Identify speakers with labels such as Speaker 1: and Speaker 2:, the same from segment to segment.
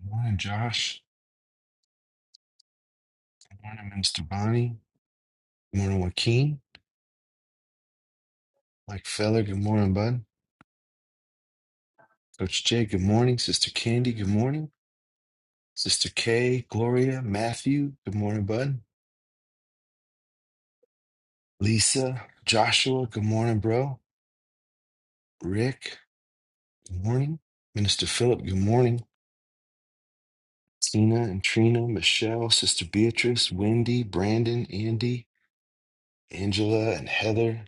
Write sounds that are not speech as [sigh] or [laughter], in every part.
Speaker 1: Good morning, Josh. Good morning, Mr. Bonnie. Good morning, Joaquin. Mike Feller. Good morning, Bud. Coach Jay. Good morning. Sister Candy. Good morning. Sister Kay, Gloria, Matthew. Good morning, Bud. Lisa, Joshua. Good morning, bro. Rick. Good morning. Minister Philip. Good morning. Tina and Trina, Michelle, Sister Beatrice, Wendy, Brandon, Andy, Angela, and Heather.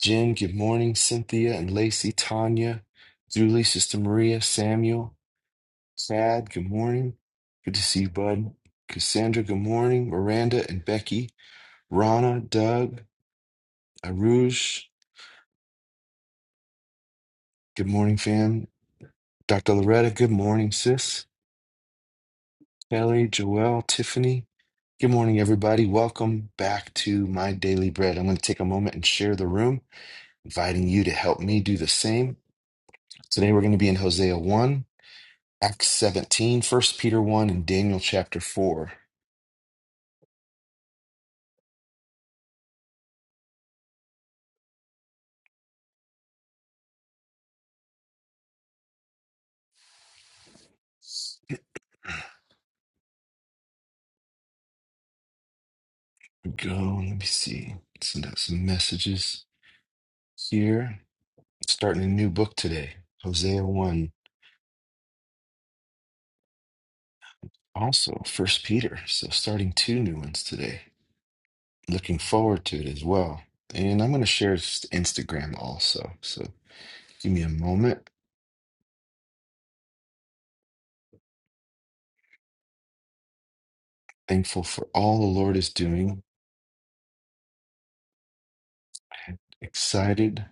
Speaker 1: Jen. Good morning. Cynthia and Lacey, Tanya, Julie, Sister Maria, Samuel. Sad, good morning. Good to see you, bud. Cassandra, good morning. Miranda and Becky. Rana, Doug, Aruj, good morning, fam. Dr. Loretta, good morning, sis. Kelly, Joelle, Tiffany, good morning, everybody. Welcome back to My Daily Bread. I'm going to take a moment and share the room, inviting you to help me do the same. Today, we're going to be in Hosea 1, Acts 17, First Peter 1, and Daniel chapter 4. Here we go. Let me see. Send out some messages. Here, starting a new book today, Hosea 1, also First Peter. So starting two new ones today. Looking forward to it as well. And I'm going to share s- Instagram also. So give me a moment. Thankful for all the Lord is doing. Excited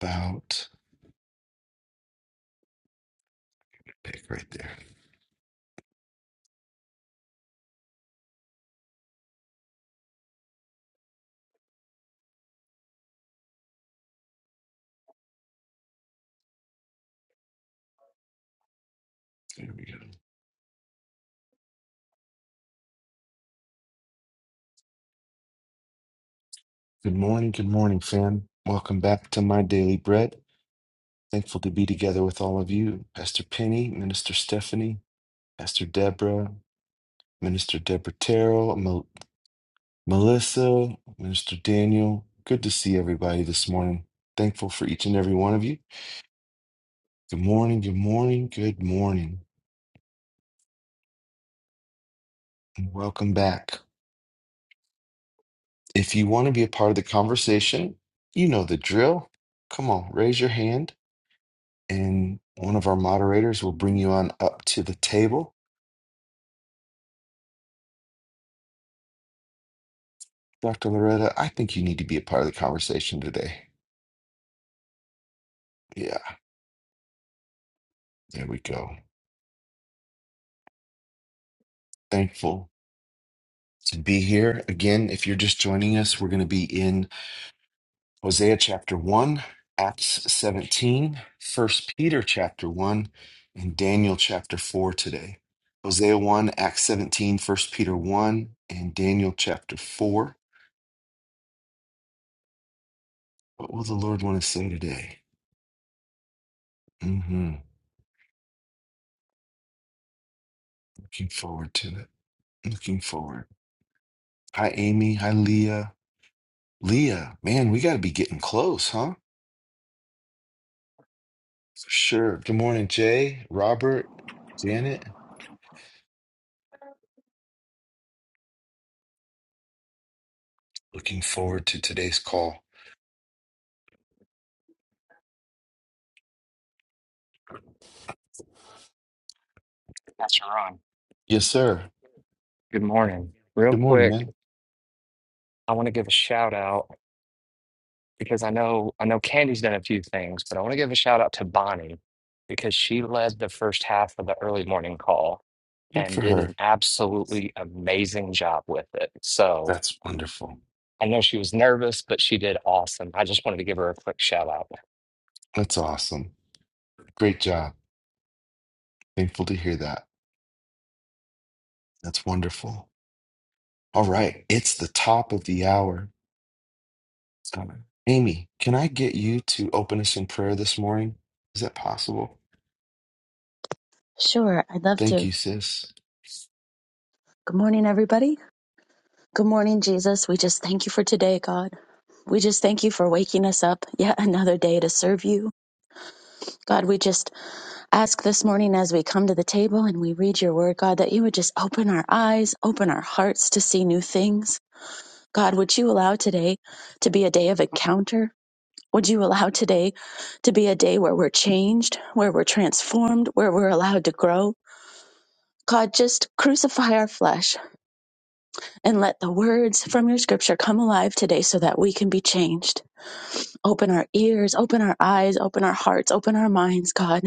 Speaker 1: about pick right there. There we go. Good morning, good morning, fam. Welcome back to My Daily Bread. Thankful to be together with all of you. Pastor Penny, Minister Stephanie, Pastor Deborah, Minister Deborah Terrell, Melissa, Minister Daniel, good to see everybody this morning. Thankful for each and every one of you. Good morning, good morning, good morning, and welcome back. If you want to be a part of the conversation, you know the drill. Come on, raise your hand, and one of our moderators will bring you on up to the table. Dr. Loretta, I think you need to be a part of the conversation today. Yeah, there we go. Thankful to be here. Again, if you're just joining us, we're going to be in Hosea chapter 1, Acts 17, First Peter chapter 1, and Daniel chapter 4 today. Hosea 1, Acts 17, First Peter 1, and Daniel chapter 4. What will the Lord want to say today? hmm Looking forward to it. Looking forward. Hi, Amy. Hi, Leah. Leah, man, we got to be getting close, huh? For sure. Good morning, Jay, Robert, Janet. Looking forward to today's call.
Speaker 2: Pastor Ron,
Speaker 1: Yes, sir.
Speaker 2: good morning. Real
Speaker 1: Good morning,
Speaker 2: quick,
Speaker 1: man.
Speaker 2: I want to give a shout out because I know I know Candy's done a few things, but I want to give a shout out to Bonnie because she led the first half of the early morning call
Speaker 1: Good
Speaker 2: and
Speaker 1: for
Speaker 2: did
Speaker 1: her.
Speaker 2: an absolutely amazing job with it. So
Speaker 1: That's wonderful.
Speaker 2: I know she was nervous, but she did awesome. I just wanted to give her a quick shout out.
Speaker 1: That's awesome. Great job. Thankful to hear that. That's wonderful. All right. It's the top of the hour. Um, Amy, can I get you to open us in prayer this morning? Is that possible?
Speaker 3: Sure, I'd love
Speaker 1: Thank
Speaker 3: to.
Speaker 1: you, sis.
Speaker 3: Good morning, everybody. Good morning, Jesus. We just thank you for today, God. We just thank you for waking us up [laughs] yet another day to serve you. God, we just ask this morning as we come to the table and we read your word, God, that you would just open our eyes, open our hearts to see new things. God, would you allow today to be a day of encounter? Would you allow today to be a day where we're changed, where we're transformed, where we're allowed to grow? God, just crucify our flesh and let the words from your scripture come alive today so that we can be changed. Open our ears, open our eyes, open our hearts, open our minds, God.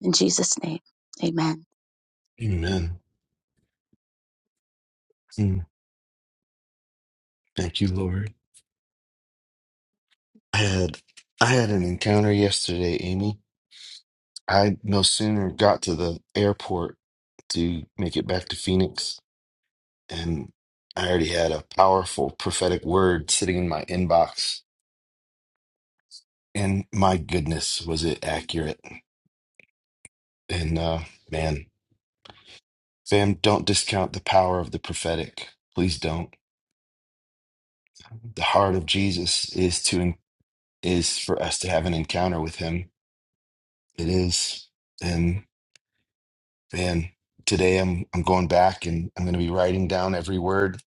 Speaker 3: In Jesus' name, amen.
Speaker 1: Amen. Mm, Thank you, Lord. I had I had an encounter yesterday, Amy. I no sooner got to the airport to make it back to Phoenix and I already had a powerful prophetic word sitting in my inbox And my goodness, was it accurate? And uh, man, fam, don't discount the power of the prophetic. Please don't. The heart of Jesus is to is for us to have an encounter with Him. It is, and man, today I'm I'm going back and I'm going to be writing down every word.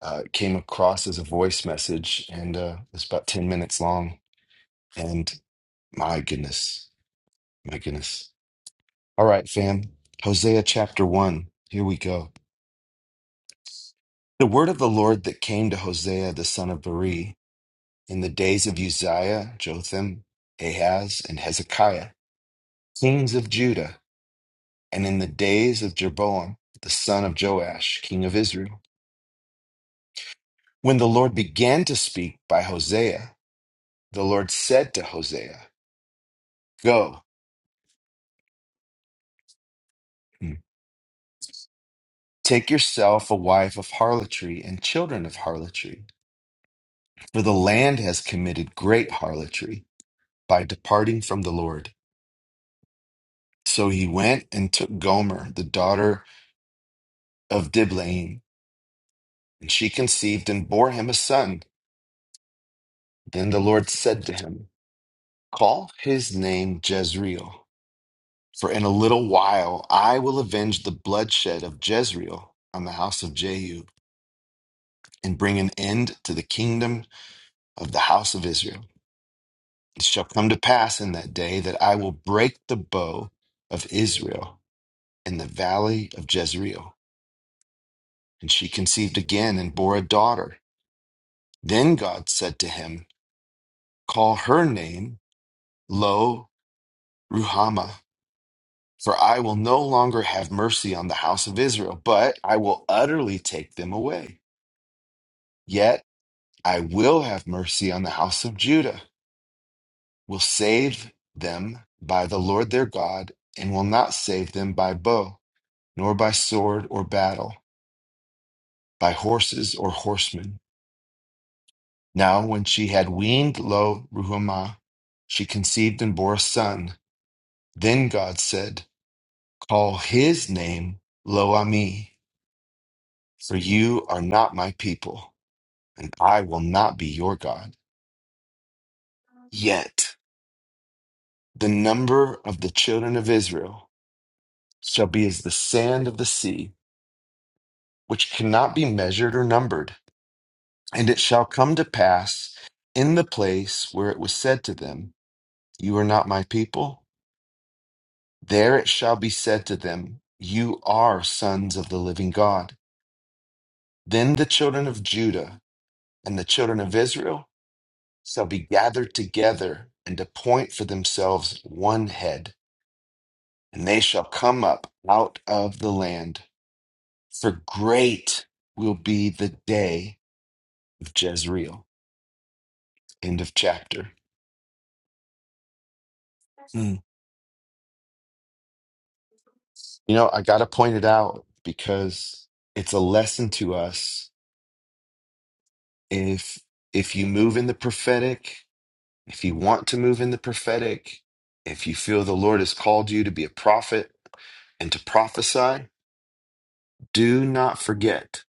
Speaker 1: Uh, it came across as a voice message, and uh, it's about ten minutes long. And my goodness, my goodness. All right, fam. Hosea chapter one. Here we go. The word of the Lord that came to Hosea the son of Beri in the days of Uzziah, Jotham, Ahaz, and Hezekiah, kings of Judah, and in the days of Jeroboam, the son of Joash, king of Israel. When the Lord began to speak by Hosea, the Lord said to Hosea, Go, take yourself a wife of harlotry and children of harlotry, for the land has committed great harlotry by departing from the Lord. So he went and took Gomer, the daughter of Diblaim, and she conceived and bore him a son. Then the Lord said to him, Call his name Jezreel, for in a little while I will avenge the bloodshed of Jezreel on the house of Jehu, and bring an end to the kingdom of the house of Israel. It shall come to pass in that day that I will break the bow of Israel in the valley of Jezreel. And she conceived again and bore a daughter. Then God said to him, Call her name Lo Ruhamah, for I will no longer have mercy on the house of Israel, but I will utterly take them away. Yet I will have mercy on the house of Judah, will save them by the Lord their God, and will not save them by bow, nor by sword or battle, by horses or horsemen. Now, when she had weaned lo Ruhamah, she conceived and bore a son. Then God said, Call his name Lo Ami For you are not my people, and I will not be your God. Yet the number of the children of Israel shall be as the sand of the sea, which cannot be measured or numbered. And it shall come to pass in the place where it was said to them, You are not my people, there it shall be said to them, You are sons of the living God. Then the children of Judah and the children of Israel. shall be gathered together and appoint for themselves one head, and they shall come up out of the land. For great will be the day of Jezreel. End of chapter. Hmm. You know, I got to point it out because it's a lesson to us. If if you move in the prophetic, if you want to move in the prophetic, if you feel the Lord has called you to be a prophet and to prophesy, do not forget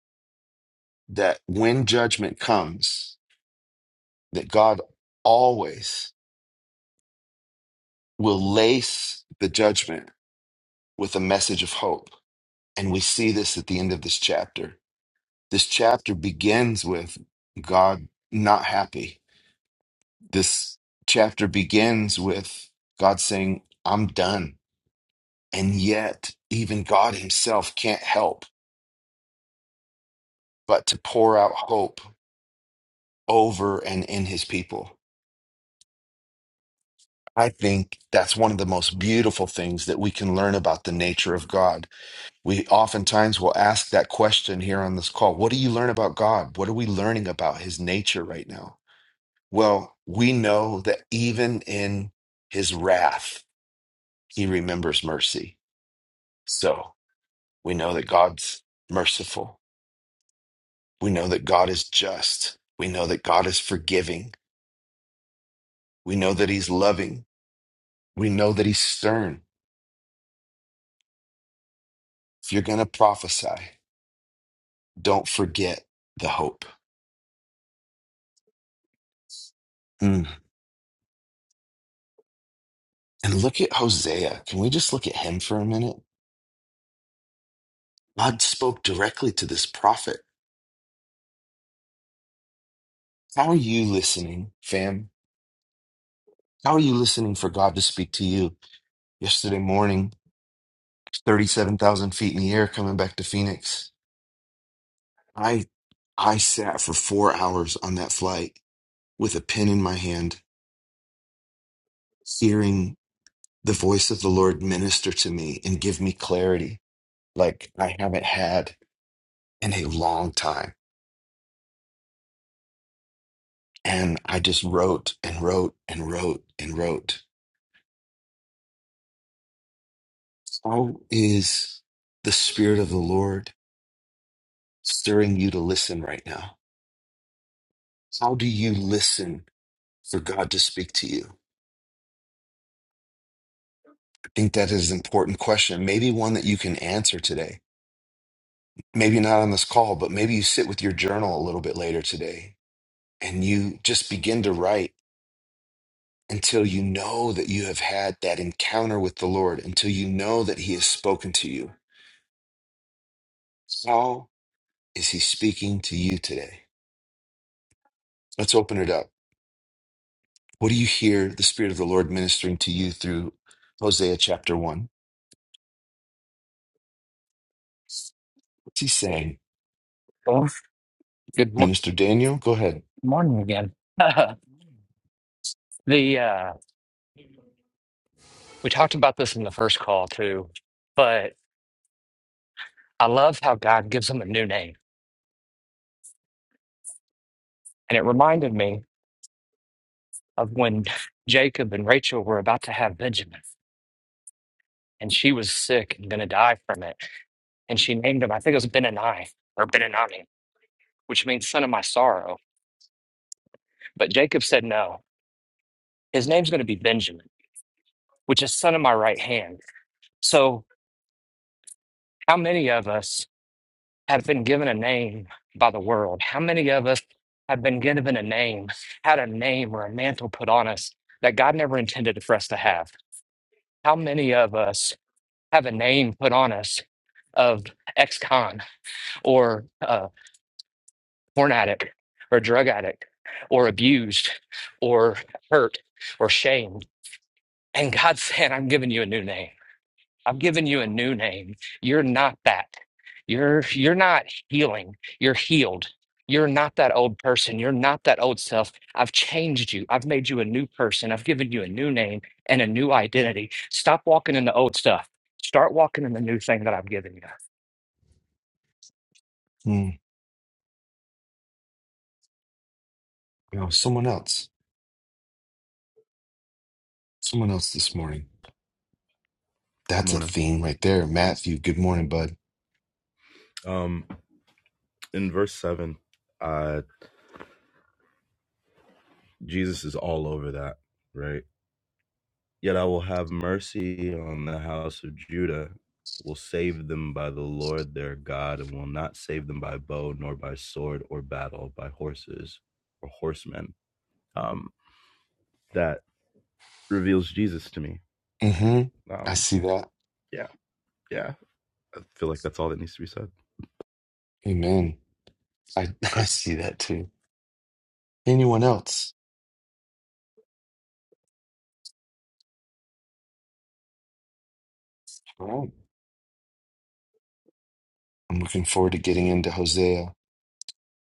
Speaker 1: that when judgment comes, that God always will lace the judgment with a message of hope. And we see this at the end of this chapter. This chapter begins with God not happy. This chapter begins with God saying, I'm done. And yet, even God himself can't help but to pour out hope over and in his people. I think that's one of the most beautiful things that we can learn about the nature of God. We oftentimes will ask that question here on this call What do you learn about God? What are we learning about his nature right now? Well, we know that even in his wrath, he remembers mercy. So we know that God's merciful. We know that God is just. We know that God is forgiving. We know that he's loving. We know that he's stern. If you're going to prophesy, don't forget the hope. Mm. And look at Hosea. Can we just look at him for a minute? God spoke directly to this prophet. How are you listening, fam? How are you listening for God to speak to you? Yesterday morning, 37,000 feet in the air coming back to Phoenix. I I sat for 4 hours on that flight with a pen in my hand, hearing the voice of the Lord minister to me and give me clarity like I haven't had in a long time And I just wrote and wrote and wrote and wrote. How is the Spirit of the Lord stirring you to listen right now? How do you listen for God to speak to you? I think that is an important question, maybe one that you can answer today. Maybe not on this call, but maybe you sit with your journal a little bit later today and you just begin to write until you know that you have had that encounter with the Lord, until you know that He has spoken to you. How is He speaking to you today? Let's open it up. What do you hear the Spirit of the Lord ministering to you through Hosea chapter 1? What's he saying?
Speaker 2: Oh, good mor-
Speaker 1: Minister Daniel, go ahead.
Speaker 2: morning again. [laughs] the uh, we talked about this in the first call too, but I love how God gives them a new name, and it reminded me. of when Jacob and Rachel were about to have Benjamin, and she was sick and going to die from it. And she named him, I think it was Benani or Benanami, which means son of my sorrow. But Jacob said, no, his name's going to be Benjamin, which is son of my right hand. So, how many of us have been given a name by the world? How many of us have been given a name, had a name or a mantle put on us that God never intended for us to have? How many of us? have a name put on us of ex-con or uh, porn addict or drug addict or abused or hurt or shamed. And God said, [laughs] I'm giving you a new name. I'm giving you a new name. You're not that. You're you're not healing. You're healed. You're not that old person. You're not that old self. I've changed you. I've made you a new person. I've given you a new name and a new identity. Stop walking in the old stuff. Start walking in the new thing that I've given you.
Speaker 1: Hmm. No, someone else. Someone else this morning.
Speaker 4: Good
Speaker 1: That's a
Speaker 4: morning.
Speaker 1: theme right there. Matthew, good morning, bud.
Speaker 4: Um, in verse seven, uh, Jesus is all over that, right? Yet I will have mercy on the house of Judah, will save them by the Lord their God, and will not save them by bow, nor by sword or battle, by horses or horsemen. Um, that reveals Jesus to me, right?
Speaker 1: hmm I
Speaker 4: Um,
Speaker 1: see that.
Speaker 4: yeah, yeah. I feel like that's all that needs to be said.
Speaker 1: Amen. I, [laughs] I see that too. Anyone else? All right. I'm looking forward to getting into Hosea.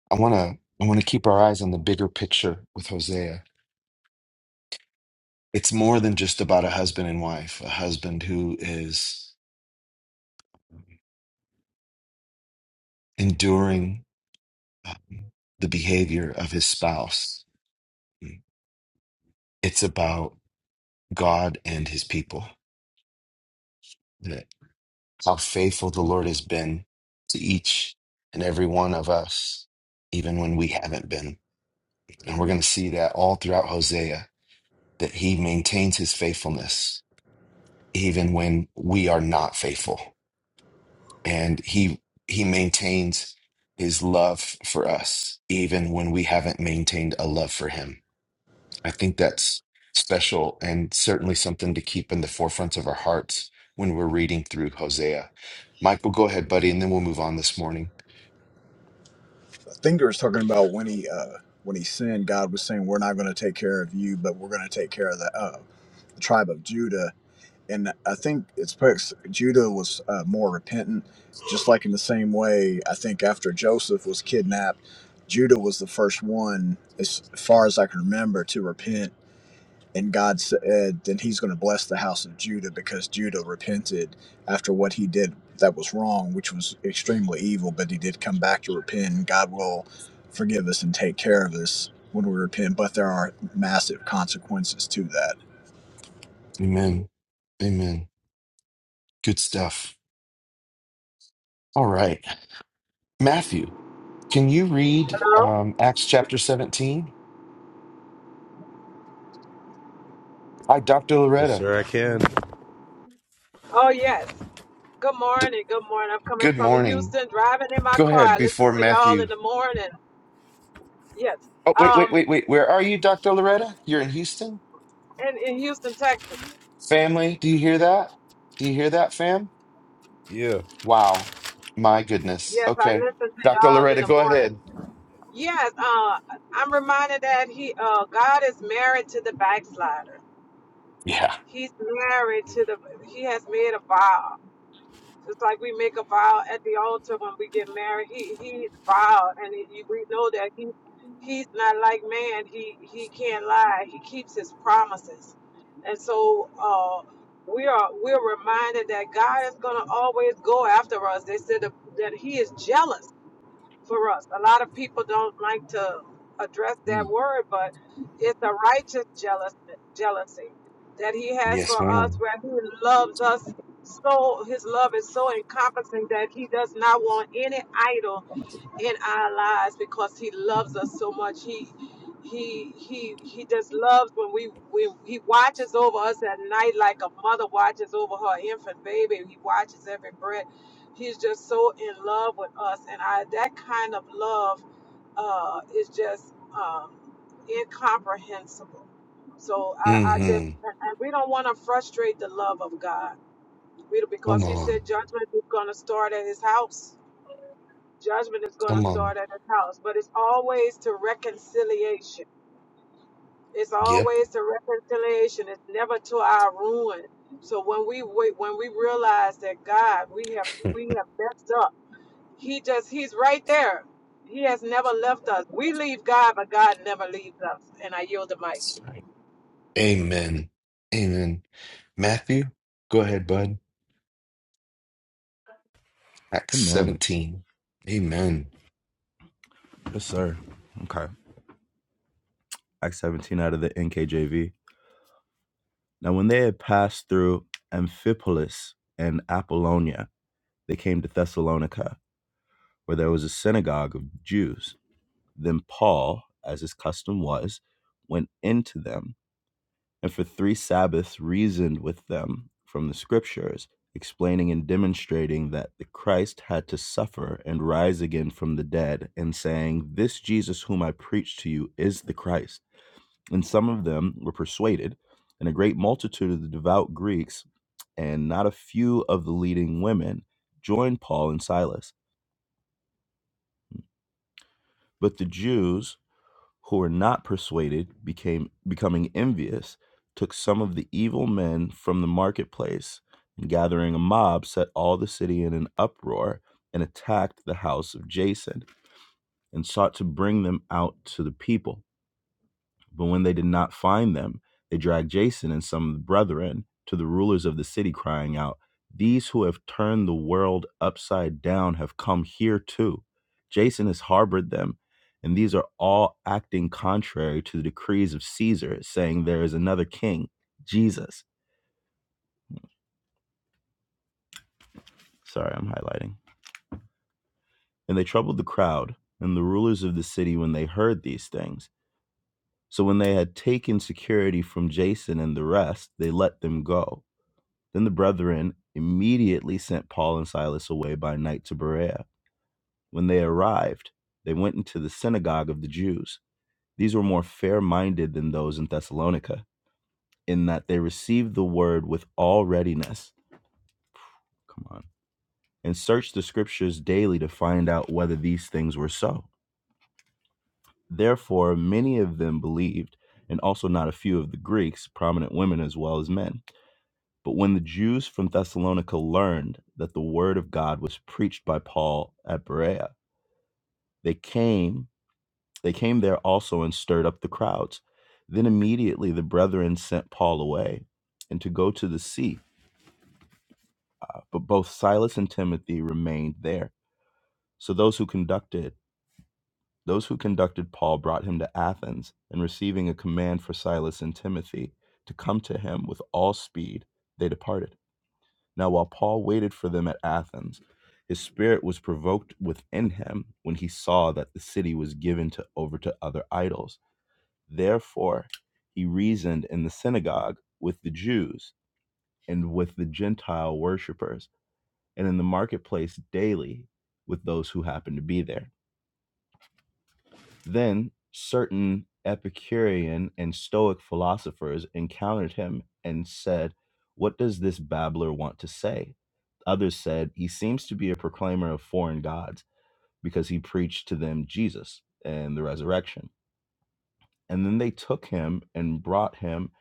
Speaker 1: I want to I want to keep our eyes on the bigger picture with Hosea. It's more than just about a husband and wife, a husband who is enduring um, the behavior of his spouse. It's about God and his people, that how faithful the Lord has been to each and every one of us, even when we haven't been. And we're going to see that all throughout Hosea, that he maintains his faithfulness even when we are not faithful. And he he maintains his love for us even when we haven't maintained a love for him I think that's special and certainly something to keep in the forefront of our hearts when we're reading through Hosea. Michael, go ahead, buddy, and then we'll move on this morning.
Speaker 5: Thinker is talking about when he uh, when he sinned, God was saying, "We're not going to take care of you, but we're going to take care of the, uh, the tribe of Judah." And I think it's because Judah was uh, more repentant, just like in the same way. I think after Joseph was kidnapped, Judah was the first one, as far as I can remember, to repent and God said, then he's going to bless the house of Judah because Judah repented after what he did that was wrong, which was extremely evil, but he did come back to repent. and God will forgive us and take care of us when we repent, but there are massive consequences to that.
Speaker 1: Amen. Amen. Good stuff. All right. Matthew, can you read
Speaker 6: Oh,
Speaker 1: um, Acts chapter 17? Hi, Dr.
Speaker 4: Yes,
Speaker 1: Loretta.
Speaker 4: sir, I can.
Speaker 6: oh yes. Good
Speaker 1: D-
Speaker 6: morning. Good morning. I'm coming
Speaker 1: good
Speaker 6: from
Speaker 1: morning.
Speaker 6: Houston, driving in my
Speaker 1: Go
Speaker 6: car.
Speaker 1: ahead
Speaker 6: I listen
Speaker 1: before
Speaker 6: to y'all in
Speaker 1: Matthew.
Speaker 6: the morning. Yes.
Speaker 1: Oh, wait, wait,
Speaker 6: Um,
Speaker 1: wait, wait. Where are you, Dr. Loretta? You're in Houston?
Speaker 6: in, in Houston, Texas.
Speaker 1: Family, do you hear that? Do you hear that, fam?
Speaker 4: Yeah.
Speaker 1: Wow. My goodness.
Speaker 6: Yes, I
Speaker 1: Okay.
Speaker 6: listen to
Speaker 1: Dr.
Speaker 6: y'all in
Speaker 1: Loretta,
Speaker 6: the
Speaker 1: go ahead.
Speaker 6: morning. Yes. Uh, I'm reminded that he, uh, God is married to the backslider.
Speaker 1: Yeah.
Speaker 6: He's married to the. He has made a vow. Just like we make a vow at the altar when we get married, he he vowed, and he, we know that he he's not like man. He he can't lie. He keeps his promises, and so uh, we are we're reminded that God is gonna always go after us. They said that that he is jealous for us. A lot of people don't like to address that
Speaker 4: Mm.
Speaker 6: word, but it's a righteous jealous, jealousy that He has
Speaker 1: Yes,
Speaker 6: for us,
Speaker 1: ma'am.
Speaker 6: where He loves us so. His love is so encompassing that He does not want any idol in our lives because he loves us so much. He he he he just loves when we when he watches over us at night like a mother watches over her infant baby. He watches every breath. He's just so in love with us, and I that kind of love uh, is just um, incomprehensible. So I, I just
Speaker 1: Mm-hmm.
Speaker 6: and and we don't want to frustrate the love of God. We
Speaker 1: Come
Speaker 6: because He said
Speaker 1: on.
Speaker 6: judgment is going to start at His house judgment is going to
Speaker 1: Come on.
Speaker 6: start at his house but it's always to reconciliation it's
Speaker 1: Yep.
Speaker 6: always to reconciliation it's never to our ruin so when we wait when we realize that god we have
Speaker 1: [laughs]
Speaker 6: we have messed up he just he's right there he has never left us we leave god but god never leaves us and i yield the mic
Speaker 1: That's right. Amen. Amen. Matthew, go ahead, bud. Acts
Speaker 4: Amen.
Speaker 1: 17. Amen.
Speaker 4: Yes, sir. Okay. Acts 17 out of the NKJV. Now, when they had passed through Amphipolis and Apollonia, they came to Thessalonica, where there was a synagogue of Jews. Then Paul, as his custom was, went into them and for three Sabbaths reasoned with them from the scriptures, explaining and demonstrating that the Christ had to suffer and rise again from the dead, and saying, This Jesus whom I preach to you is the Christ. And some of them were persuaded, and a great multitude of the devout Greeks, and not a few of the leading women, joined Paul and Silas. But the Jews, who were not persuaded became becoming envious took some of the evil men from the marketplace and gathering a mob set all the city in an uproar and attacked the house of jason and sought to bring them out to the people but when they did not find them, they dragged Jason and some of the brethren to the rulers of the city, crying out, These who have turned the world upside down have come here too. Jason has harbored them, and these are all acting contrary to the decrees of Caesar, saying there is another king, Jesus. Sorry, I'm highlighting. And they troubled the crowd and the rulers of the city when they heard these things. So when they had taken security from Jason and the rest, they let them go Then the brethren immediately sent Paul and Silas away by night to Berea. When they arrived, they went into the synagogue of the Jews. These were more fair minded than those in Thessalonica, in that they received the word with all readiness. Come on. And searched the scriptures daily to find out whether these things were so. Therefore, many of them believed, and also not a few of the Greeks, prominent women as well as men. But when the Jews from Thessalonica learned that the word of God was preached by Paul at Berea, they came, they came there also and stirred up the crowds. Then immediately the brethren sent Paul away and to go to the sea, but both Silas and Timothy remained there. So those who conducted those who conducted Paul brought him to Athens, and receiving a command for Silas and Timothy to come to him with all speed, they departed. Now, while Paul waited for them at Athens, his spirit was provoked within him when he saw that the city was given to, over to other idols. Therefore, he reasoned in the synagogue with the Jews and with the Gentile worshippers, and in the marketplace daily with those who happened to be there. Then certain Epicurean and Stoic philosophers encountered him and said, What does this babbler want to say? Others said, He seems to be a proclaimer of foreign gods because he preached to them Jesus and the resurrection. And then they took him and brought him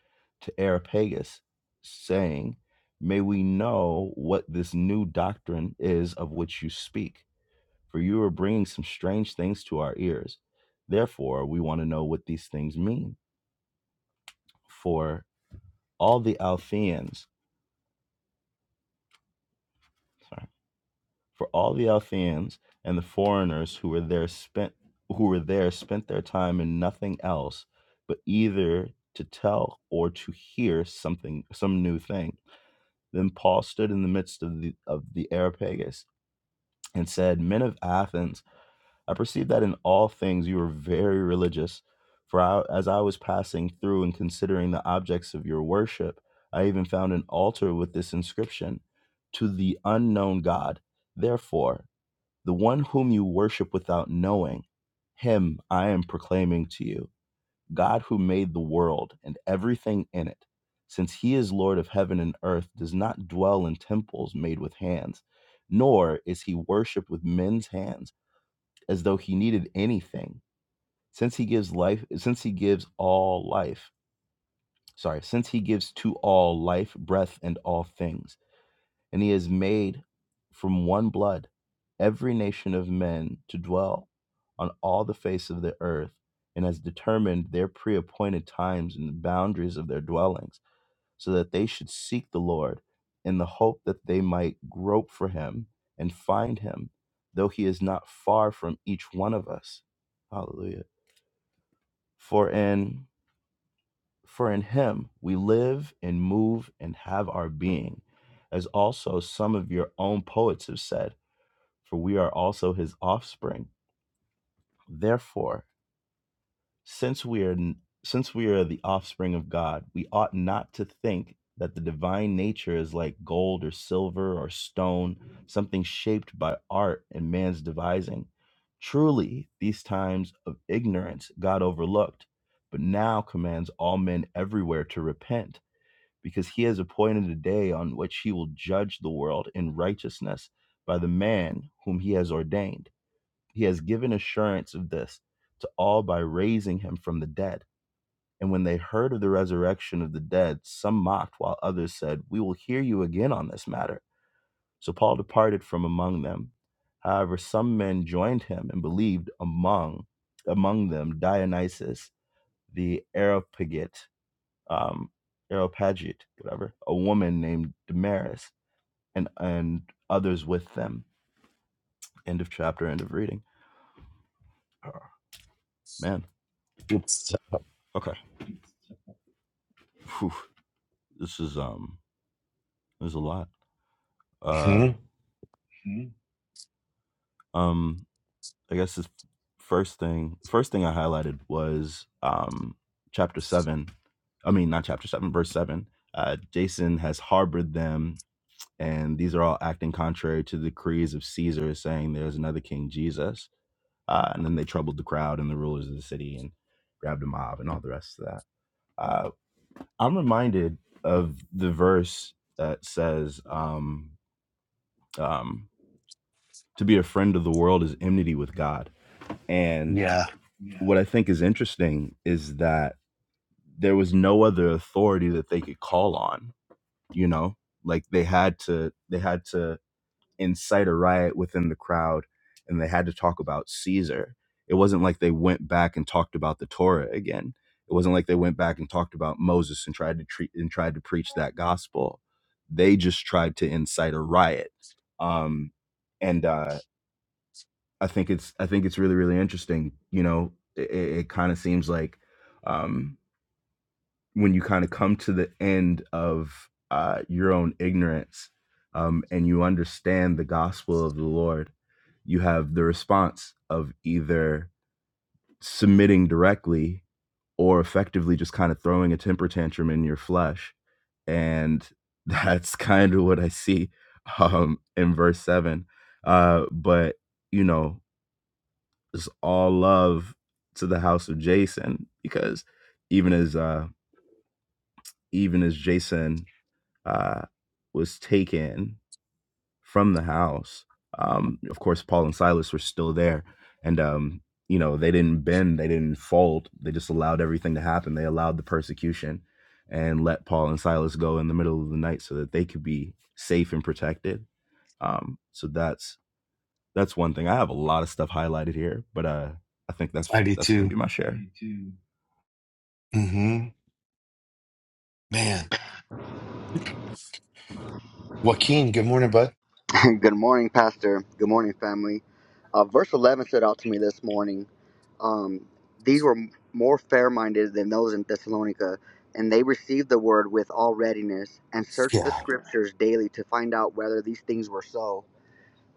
Speaker 4: to Areopagus, saying, May we know what this new doctrine is of which you speak, for you are bringing some strange things to our ears. Therefore, we want to know what these things mean. For all the Althians, For all the Althians and the foreigners who were there spent who were there spent their time in nothing else but either to tell or to hear something some new thing. Then Paul stood in the midst of the of the Areopagus and said, Men of Athens, I perceive that in all things you are very religious. For I, as I was passing through and considering the objects of your worship, I even found an altar with this inscription to the unknown God. Therefore, the one whom you worship without knowing, him I am proclaiming to you, God who made the world and everything in it. Since he is Lord of heaven and earth, does not dwell in temples made with hands, nor is he worshipped with men's hands, as though he needed anything. Since he gives life, since he gives all life, sorry, since he gives to all life, breath, and all things and he has made from one blood every nation of men to dwell on all the face of the earth, and has determined their pre appointed times and the boundaries of their dwellings, so that they should seek the Lord in the hope that they might grope for him and find him, though he is not far from each one of us. Hallelujah. For in for in him we live and move and have our being, as also some of your own poets have said for we are also his offspring. Therefore, since we are since we are the offspring of God, we ought not to think that the divine nature is like gold or silver or stone, something shaped by art and man's devising. Truly, these times of ignorance God overlooked, but now commands all men everywhere to repent, because he has appointed a day on which he will judge the world in righteousness by the man whom he has ordained he has given assurance of this to all by raising him from the dead. And when they heard of the resurrection of the dead, some mocked, while others said, We will hear you again on this matter. So Paul departed from among them. However, some men joined him and believed among among them Dionysius the Areopagite, um, Areopagite, whatever, a woman named Damaris, and and others with them. End of chapter. End of reading. Oh, man.
Speaker 1: Good stuff.
Speaker 4: Okay. Whew. this is um there's a lot uh
Speaker 1: hmm
Speaker 4: um i guess the first thing first thing i highlighted was um chapter 7 i mean not chapter 7 verse 7 uh jason has harbored them and these are all acting contrary to the decrees of caesar saying there's another king jesus uh and then they troubled the crowd and the rulers of the city and grabbed a mob and all the rest of that uh i'm reminded of the verse that says um um to be a friend of the world is enmity with God. And
Speaker 1: Yeah,
Speaker 4: yeah. what I think is interesting is that there was no other authority that they could call on, you know? Like they had to they had to incite a riot within the crowd and they had to talk about Caesar. It wasn't like they went back and talked about the Torah again. It wasn't like they went back and talked about Moses and tried to treat and tried to preach that gospel. They just tried to incite a riot. Um, and, uh, I think it's I think it's really really interesting. You know, it, it kind of seems like um, when you kind of come to the end of uh, your own ignorance um, and you understand the gospel of the Lord, you have the response of either submitting directly or effectively just kind of throwing a temper tantrum in your flesh, and [laughs] that's kind of what I see um, in verse seven. Uh, but you know just all love to the house of Jason because even as uh even as Jason uh was taken from the house, um of course Paul and Silas were still there and um you know they didn't bend, they didn't fold, they just allowed everything to happen. They allowed the persecution and let Paul and Silas go in the middle of the night so that they could be safe and protected. Um so that's that's one thing. I have a lot of stuff highlighted here, but uh, I think
Speaker 1: I
Speaker 4: that's
Speaker 1: do
Speaker 4: that's gonna
Speaker 1: too.
Speaker 4: be my share. Me too.
Speaker 1: hmm Man. Joaquin, good morning, bud.
Speaker 7: [laughs] Good morning, Pastor. Good morning, family. Uh, verse 11 stood out to me this morning. Um, These were m- more fair minded than those in Thessalonica, and they received the word with all readiness and searched the
Speaker 1: Yeah.
Speaker 7: scriptures daily to find out whether these things were so.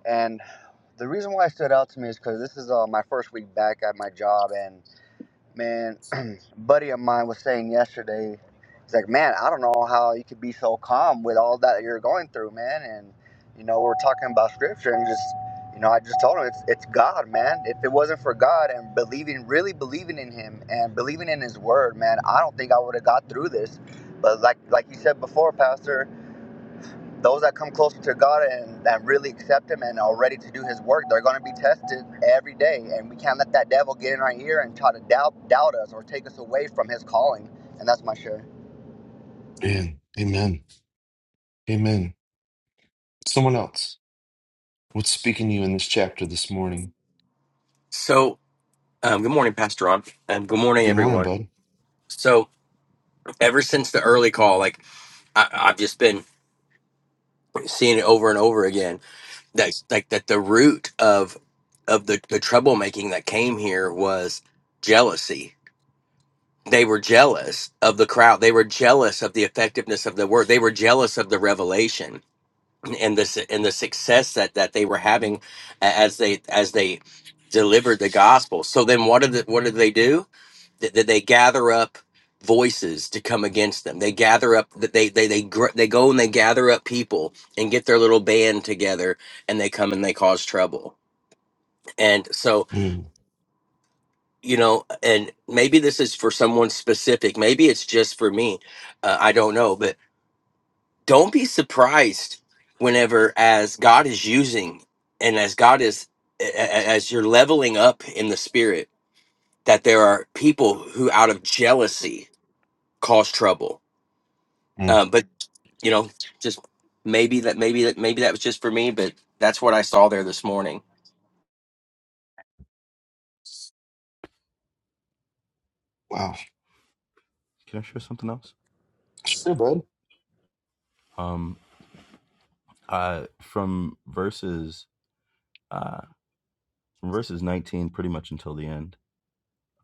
Speaker 7: And the reason why it stood out to me is because this is uh, my first week back at my job, and man, [clears throat] a buddy of mine was saying yesterday, he's like, man, I don't know how you could be so calm with all that you're going through, man. And you know, we're talking about scripture, and just you know, I just told him it's it's God, man. If it wasn't for God and believing, really believing in Him and believing in His Word, man, I don't think I would have got through this. But like like you said before, Pastor those that come closer to God and, and really accept Him and are ready to do His work, they're going to be tested every day. And we can't let that devil get in our ear and try to doubt, doubt us or take us away from His calling. And that's my share.
Speaker 1: Man. Amen. Amen. Someone else. What's speaking to you in this chapter this morning?
Speaker 8: So, um, good morning, Pastor Ron, and good morning,
Speaker 1: Good morning,
Speaker 8: everyone.
Speaker 1: bud.
Speaker 8: So, ever since the early call, like I, I've just been seeing it over and over again. That like that the root of of the the troublemaking that came here was jealousy. They were jealous of the crowd. They were jealous of the effectiveness of the word. They were jealous of the revelation and the su- and the success that that they were having a- as they as they delivered the gospel. So then, what did the, what did they do? that, that they gather up voices to come against them. They gather up that they they they gr- they go and they gather up people and get their little band together and they come and they cause trouble. And so,
Speaker 1: Mm.
Speaker 8: you know, and maybe this is for someone specific. Maybe it's just for me. Uh, I don't know, but don't be surprised whenever as God is using and as God is a- a- as you're leveling up in the spirit that there are people who out of jealousy cause trouble
Speaker 1: Mm.
Speaker 8: Um, but you know, just maybe that maybe that maybe that was just for me, but that's what I saw there this morning.
Speaker 1: Wow.
Speaker 4: Can I share something else?
Speaker 1: Sure, bud.
Speaker 4: Um, uh, from verses uh, from verses nineteen pretty much until the end.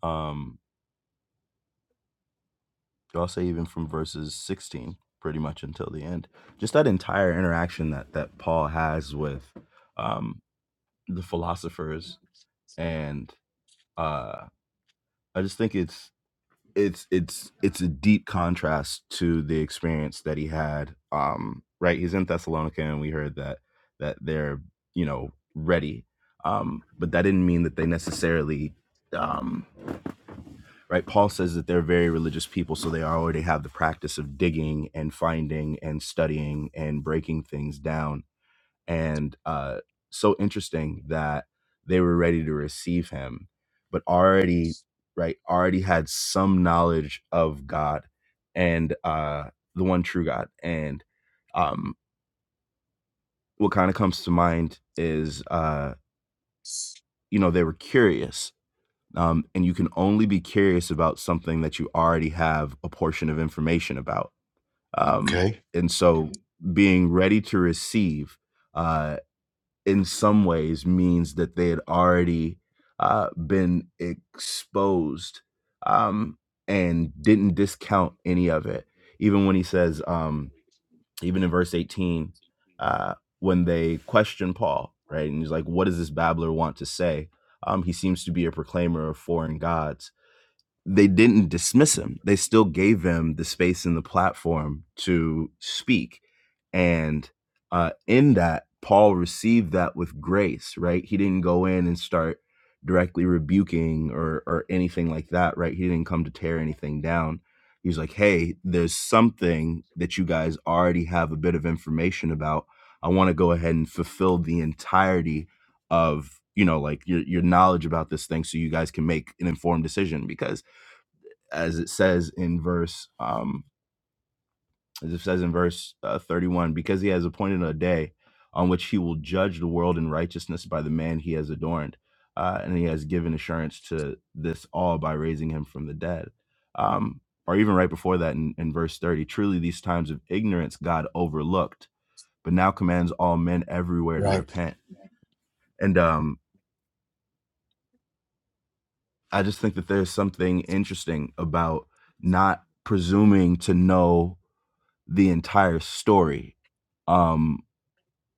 Speaker 4: Um, I'll say even from verses sixteen pretty much until the end. Just that entire interaction that that Paul has with um the philosophers, and uh, I just think it's it's it's it's a deep contrast to the experience that he had um right he's in thessalonica and we heard that that they're you know ready um but that didn't mean that they necessarily um right paul says that they're very religious people so they already have the practice of digging and finding and studying and breaking things down and uh, so interesting that they were ready to receive him, but already right already had some knowledge of God and uh, the one true God. And um, what kind of comes to mind is uh, you know they were curious. Um, and you can only be curious about something that you already have a portion of information about. Um,
Speaker 1: Okay.
Speaker 4: and so being ready to receive uh, in some ways means that they had already uh, been exposed um, and didn't discount any of it. Even when he says, um, even in verse 18, uh, when they question Paul, right? And he's like, what does this babbler want to say? Um, he seems to be a proclaimer of foreign gods they didn't dismiss him. They still gave him the space and the platform to speak. And uh, in that, Paul received that with grace, right? He didn't go in and start directly rebuking or, or anything like that, right? He didn't come to tear anything down. He was like, hey, there's something that you guys already have a bit of information about. I want to go ahead and fulfill the entirety of you know like your your knowledge about this thing so you guys can make an informed decision because as it says in verse um as it says in verse uh, 31 because he has appointed a day on which he will judge the world in righteousness by the man he has adorned uh, and he has given assurance to this all by raising him from the dead um or even right before that in, in verse 30 truly these times of ignorance god overlooked but now commands all men everywhere to
Speaker 1: Right.
Speaker 4: repent and um i just think that there's something interesting about not presuming to know the entire story um,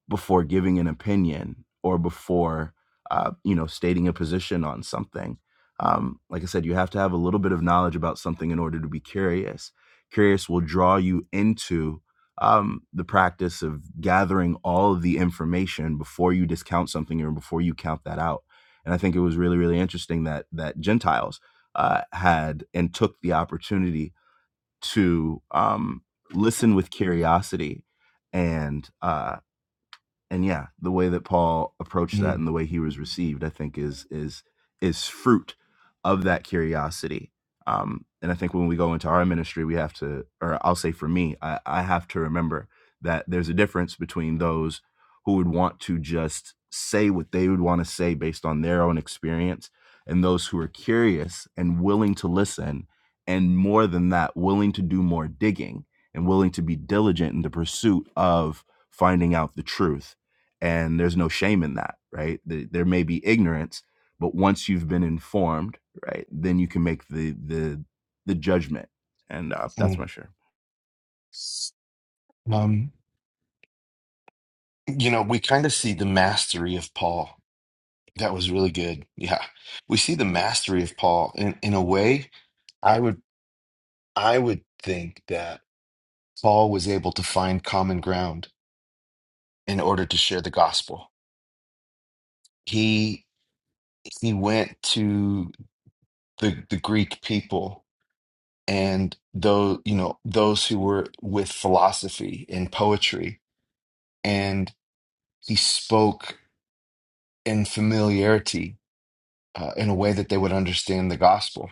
Speaker 4: before giving an opinion or before uh, you know stating a position on something. Um, like I said, you have to have a little bit of knowledge about something in order to be curious. Curious will draw you into um, the practice of gathering all of the information before you discount something or before you count that out. And I think it was really, really interesting that that Gentiles uh, had and took the opportunity to um, listen with curiosity and uh, and yeah, the way that Paul approached that and
Speaker 1: Mm.
Speaker 4: the way he was received, I think is is is fruit of that curiosity. Um, and I think when we go into our ministry, we have to, or I'll say for me, I, I have to remember that there's a difference between those who would want to just say what they would want to say based on their own experience and those who are curious and willing to listen and more than that willing to do more digging and willing to be diligent in the pursuit of finding out the truth and there's no shame in that right there may be ignorance but once you've been informed right then you can make the the the judgment and uh, that's
Speaker 1: Mm.
Speaker 4: my share
Speaker 1: Um, you know, we kind of see the mastery of Paul. That was really good. Yeah. We see the mastery of Paul in, in a way I would I would think that Paul was able to find common ground in order to share the gospel. He he went to the the Greek people and those you know those who were with philosophy and poetry and he spoke in familiarity uh, in a way that they would understand the gospel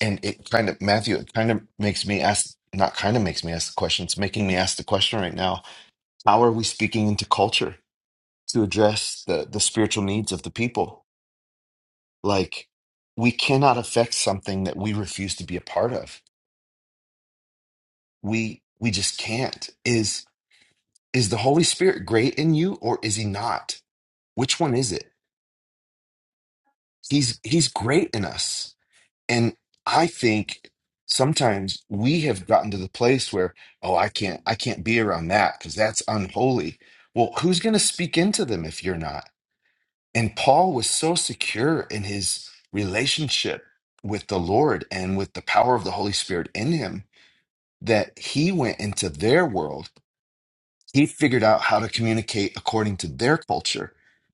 Speaker 1: and it kind of matthew it kind of makes me ask not kind of makes me ask the question it's making me ask the question right now how are we speaking into culture to address the the spiritual needs of the people like we cannot affect something that we refuse to be a part of we we just can't Is is the Holy Spirit great in you or is he not? Which one is it? He's he's great in us. And I think sometimes we have gotten to the place where, oh, I can't I can't be around that because that's unholy. Well, who's going to speak into them if you're not? And Paul was so secure in his relationship with the Lord and with the power of the Holy Spirit in him that he went into their world he figured out how to communicate according to their culture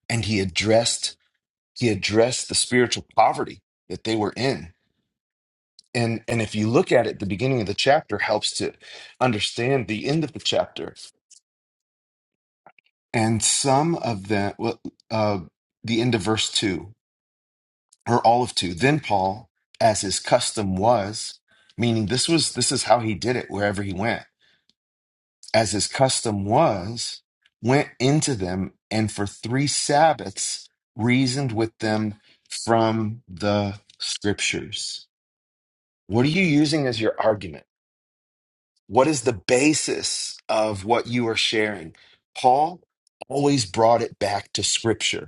Speaker 1: and he addressed he addressed the spiritual poverty that they were in and and if you look at it the beginning of the chapter helps to understand the end of the chapter and some of the well, uh, the end of verse 2 or all of 2 then paul as his custom was meaning this was this is how he did it wherever he went as his custom was, went into them and for three Sabbaths reasoned with them from the scriptures. What are you using as your argument? What is the basis of what you are sharing? Paul always brought it back to scripture.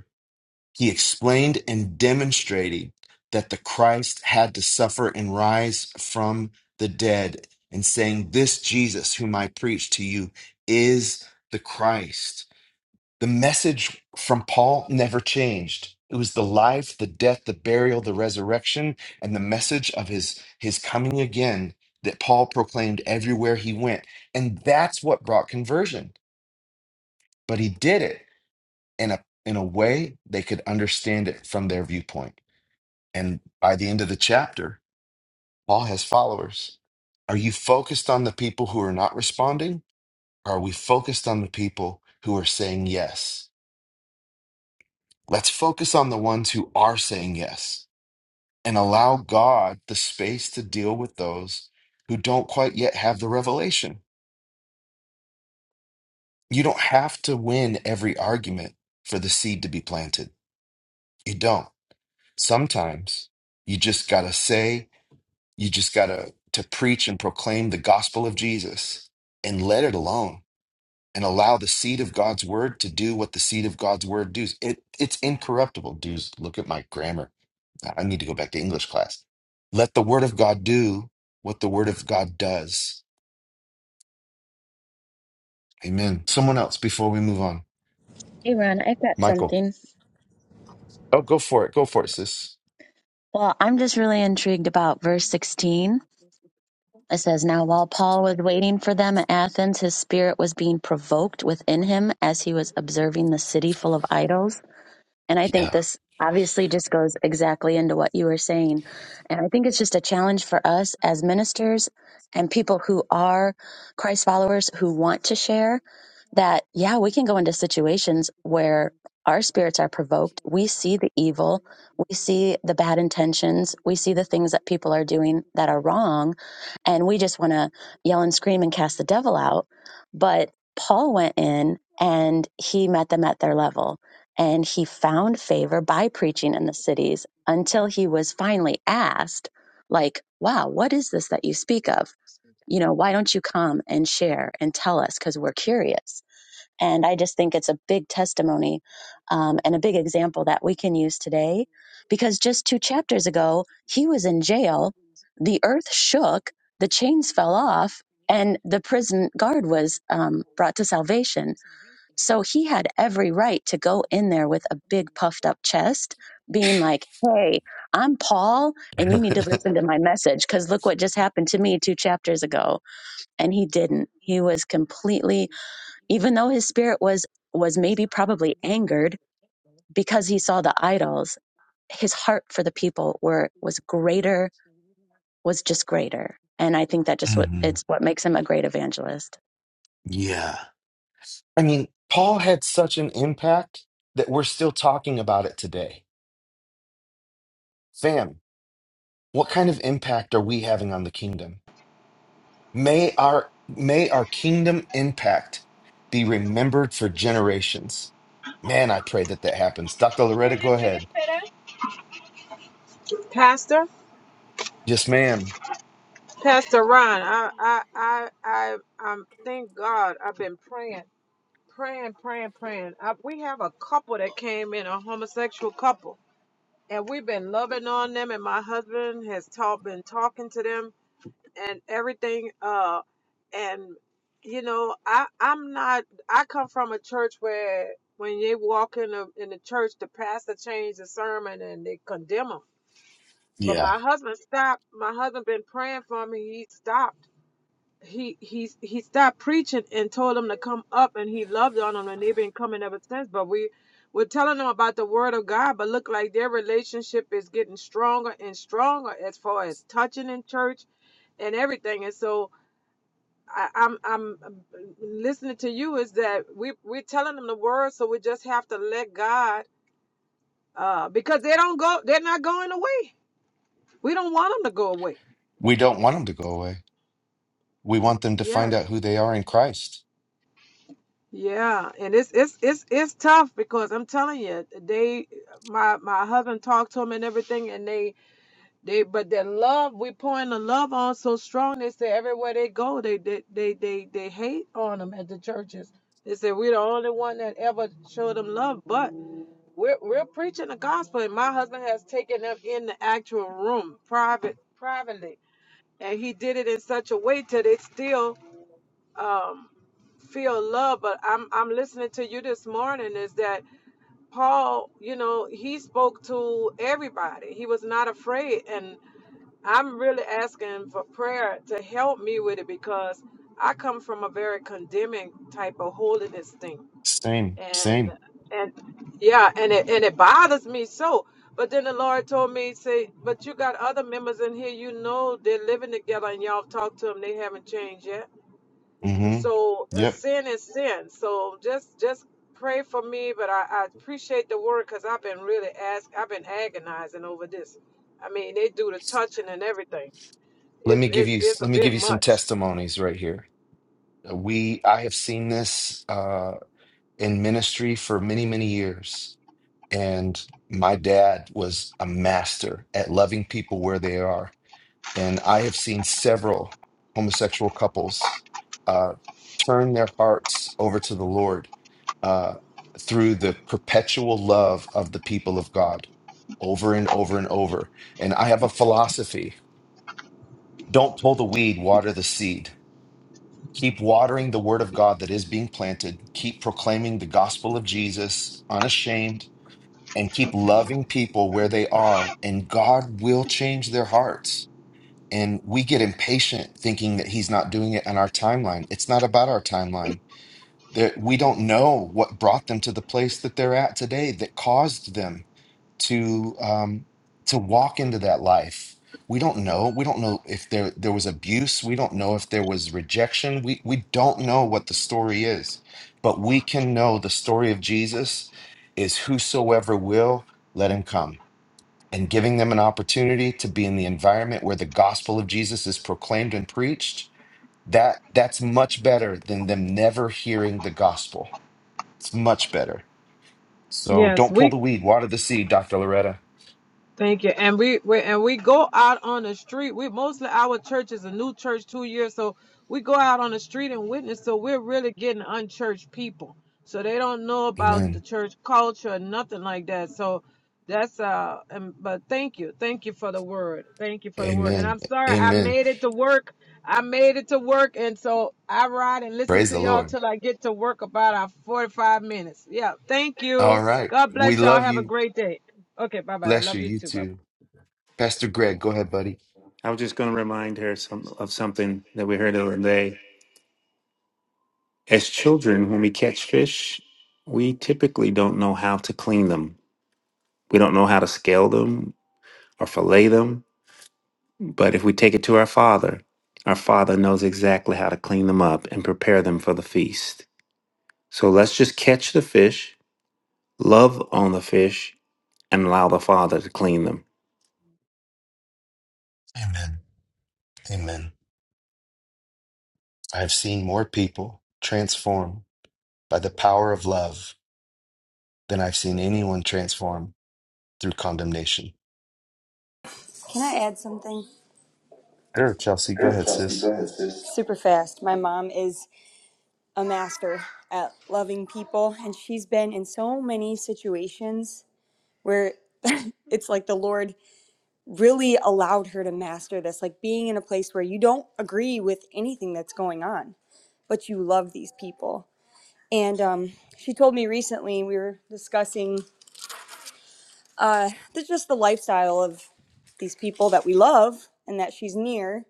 Speaker 1: He explained and demonstrated that the Christ had to suffer and rise from the dead, and saying, This Jesus, whom I preach to you, is the Christ. The message from Paul never changed. It was the life, the death, the burial, the resurrection, and the message of his, his coming again that Paul proclaimed everywhere he went. And that's what brought conversion. But he did it in a, in a way they could understand it from their viewpoint. And by the end of the chapter, Paul has followers. Are you focused on the people who are not responding? Or are we focused on the people who are saying yes? Let's focus on the ones who are saying yes and allow God the space to deal with those who don't quite yet have the revelation. You don't have to win every argument for the seed to be planted. You don't. Sometimes you just got to say You just got to to preach and proclaim the gospel of Jesus and let it alone and allow the seed of God's word to do what the seed of God's word does. It it's incorruptible. Dudes, look at my grammar. I I need to go back to English class. Let the word of God do what the word of God does. Amen. Someone else before we move on.
Speaker 3: Hey, Ron, I've got
Speaker 1: Michael.
Speaker 3: something.
Speaker 1: Oh, go for it. Go for it, sis.
Speaker 3: Well, I'm just really intrigued about verse 16. It says, Now while Paul was waiting for them at Athens, his spirit was being provoked within him as he was observing the city full of idols. And I think
Speaker 1: Yeah.
Speaker 3: this obviously just goes exactly into what you were saying. And I think it's just a challenge for us as ministers and people who are Christ followers who want to share that, yeah, we can go into situations where our spirits are provoked. We see the evil, we see the bad intentions, we see the things that people are doing that are wrong, and we just want to yell and scream and cast the devil out. But Paul went in and he met them at their level and he found favor by preaching in the cities until he was finally asked like wow what is this that you speak of you know why don't you come and share and tell us because we're curious and i just think it's a big testimony um, and a big example that we can use today because just two chapters ago he was in jail the earth shook the chains fell off and the prison guard was um, brought to salvation so he had every right to go in there with a big puffed up chest, being like, Hey, I'm Paul, and you need to listen to my message because look what just happened to me two chapters ago. And he didn't. He was completely, even though his spirit was, was maybe probably angered because he saw the idols, his heart for the people were, was greater, was just greater. And I think that just what,
Speaker 1: hmm
Speaker 3: it's what makes him a great evangelist.
Speaker 1: Yeah. I mean, Paul had such an impact that we're still talking about it today. Fam, what kind of impact are we having on the kingdom may our may our kingdom impact be remembered for generations man i pray that that happens dr loretta go ahead
Speaker 6: pastor
Speaker 1: yes ma'am
Speaker 6: pastor ron i i i i um. thank god i've been praying praying, praying, praying. I, we have a couple that came in, a homosexual couple, and we've been loving on them. And my husband has taught, been talking to them, and everything. Uh, and you know, I I'm not. I come from a church where when they walk in the in the church, the pastor changed the sermon and they condemn them. But
Speaker 1: yeah
Speaker 6: my husband stopped. My husband been praying for me. He stopped he he's he stopped preaching and told them to come up and he loved on them and they've been coming ever since but we we're telling them about the word of god but look like their relationship is getting stronger and stronger as far as touching in church and everything and so I, I'm I'm listening to you is that we we're telling them the word so we just have to let God uh because they don't go they're not going away we don't want them to go away
Speaker 1: we don't want them to go away we want them to
Speaker 6: Yes.
Speaker 1: find out who they are in christ
Speaker 6: Yeah, and it's it's it's it's tough because I'm telling you, they my my husband talked to him and everything, and they they but their love we pouring the love on so strong. They say everywhere they go, they they they they, they hate on them at the churches. They say we're the only one that ever showed them love, but we're we're preaching the gospel, and my husband has taken them in the actual room, private privately, and he did it in such a way till they still. um feel love, but I'm I'm listening to you this morning is that Paul, you know, he spoke to everybody. He was not afraid and I'm really asking for prayer to help me with it because I come from a very condemning type of holiness thing.
Speaker 1: same
Speaker 6: And
Speaker 1: same
Speaker 6: and yeah, and it and it bothers me so. But then the Lord told me, say, but you got other members in here, you know they're living together and y'all talk to them, they haven't changed yet.
Speaker 1: hmm
Speaker 6: So uh,
Speaker 1: yep
Speaker 6: sin is sin. So just just pray for me. But I, I appreciate the word because I've been really ask. I've been agonizing over this. I mean, they do the touching and everything.
Speaker 1: let
Speaker 6: It's
Speaker 1: me give
Speaker 6: it's
Speaker 1: you
Speaker 6: it's a
Speaker 1: let me
Speaker 6: bit
Speaker 1: give you some
Speaker 6: much.
Speaker 1: testimonies right here Uh, we i have seen this uh in ministry for many many years And my dad was a master at loving people where they are. And I have seen several homosexual couples uh, turn their hearts over to the Lord uh, through the perpetual love of the people of God over and over and over. And I have a philosophy don't pull the weed, water the seed. Keep watering the word of God that is being planted. Keep proclaiming the gospel of Jesus unashamed and keep loving people where they are, and God will change their hearts. And we get impatient thinking that He's not doing it on our timeline. It's not about our timeline that we don't know what brought them to the place that they're at today that caused them to um, to walk into that life. We don't know. We don't know if there there was abuse. We don't know if there was rejection. We we don't know what the story is, but we can know the story of Jesus is whosoever will let him come and giving them an opportunity to be in the environment where the gospel of Jesus is proclaimed and preached that that's much better than them never hearing the gospel. It's much better. So
Speaker 6: Yes,
Speaker 1: don't
Speaker 6: we.
Speaker 1: pull the weed, water the seed, Dr. Loretta.
Speaker 6: Thank you. And we, we and we go out on the street. We mostly our church is a new church two years, so we go out on the street and witness. So we're really getting unchurched people. So they don't know about the
Speaker 1: Amen.
Speaker 6: church culture, nothing like that. So that's uh. And, but thank you, thank you for the word. Thank you for the word. And
Speaker 1: Amen.
Speaker 6: I'm sorry I
Speaker 1: Amen.
Speaker 6: made it to work. I made it to work, and so I ride and listen
Speaker 1: Praise
Speaker 6: to
Speaker 1: the
Speaker 6: y'all
Speaker 1: Lord.
Speaker 6: till I get to work. About our 45 minutes. Yeah. Thank
Speaker 1: All
Speaker 6: you.
Speaker 1: right.
Speaker 6: God
Speaker 1: We
Speaker 6: bless y'all.
Speaker 1: love
Speaker 6: Have a
Speaker 1: you.
Speaker 6: great day. Okay, bye bye. I
Speaker 1: Bless
Speaker 6: love
Speaker 1: you.
Speaker 6: you
Speaker 1: You
Speaker 6: too. Bye.
Speaker 1: too. Pastor Greg, go ahead, buddy.
Speaker 9: I was just going to remind her some, of something that we heard the other day. As children, when we catch fish, we typically don't know how to clean them. We don't know how to scale them or fillet them. But if we take it to our father, our father knows exactly how to clean them up and prepare them for the feast. So let's just catch the fish, love on the fish, and allow the father to clean them.
Speaker 1: Amen. Amen. I've seen more people transform by the power of love than I've seen anyone transform through condemnation.
Speaker 10: Can I add something
Speaker 1: Sure, Chelsea. Go
Speaker 10: Sure,
Speaker 1: ahead,
Speaker 10: Kelsey, go
Speaker 1: sis.
Speaker 10: ahead, sis. super fast? My mom is a master at loving people, and she's been in so many situations where [laughs] it's like the Lord really allowed her to master this, like being in a place where you don't agree with anything that's going on, but you love these people. And um, she told me recently we were discussing uh, the, just the lifestyle of these people that we love and that she's near.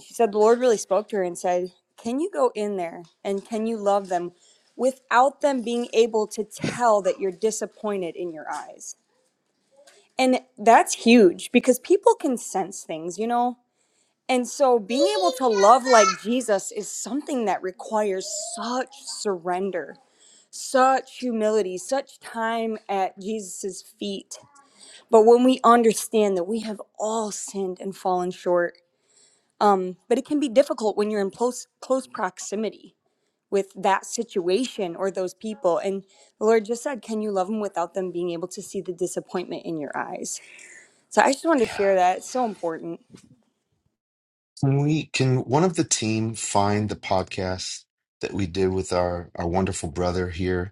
Speaker 10: she said the Lord really spoke to her and said, Can you go in there and can you love them without them being able to tell that you're disappointed in your eyes? And that's huge because people can sense things, you know? And so being able to love like Jesus is something that requires such surrender, such humility, such time at Jesus' feet. But when we understand that we have all sinned and fallen short, but it can be difficult when you're in close, close proximity with that situation or those people. And the Lord just said, Can you love them without them being able to see the disappointment in your eyes? So I just wanted to
Speaker 1: Yeah.
Speaker 10: share that. It's so important.
Speaker 1: Can we can one of the team find the podcast that we did with our our wonderful brother here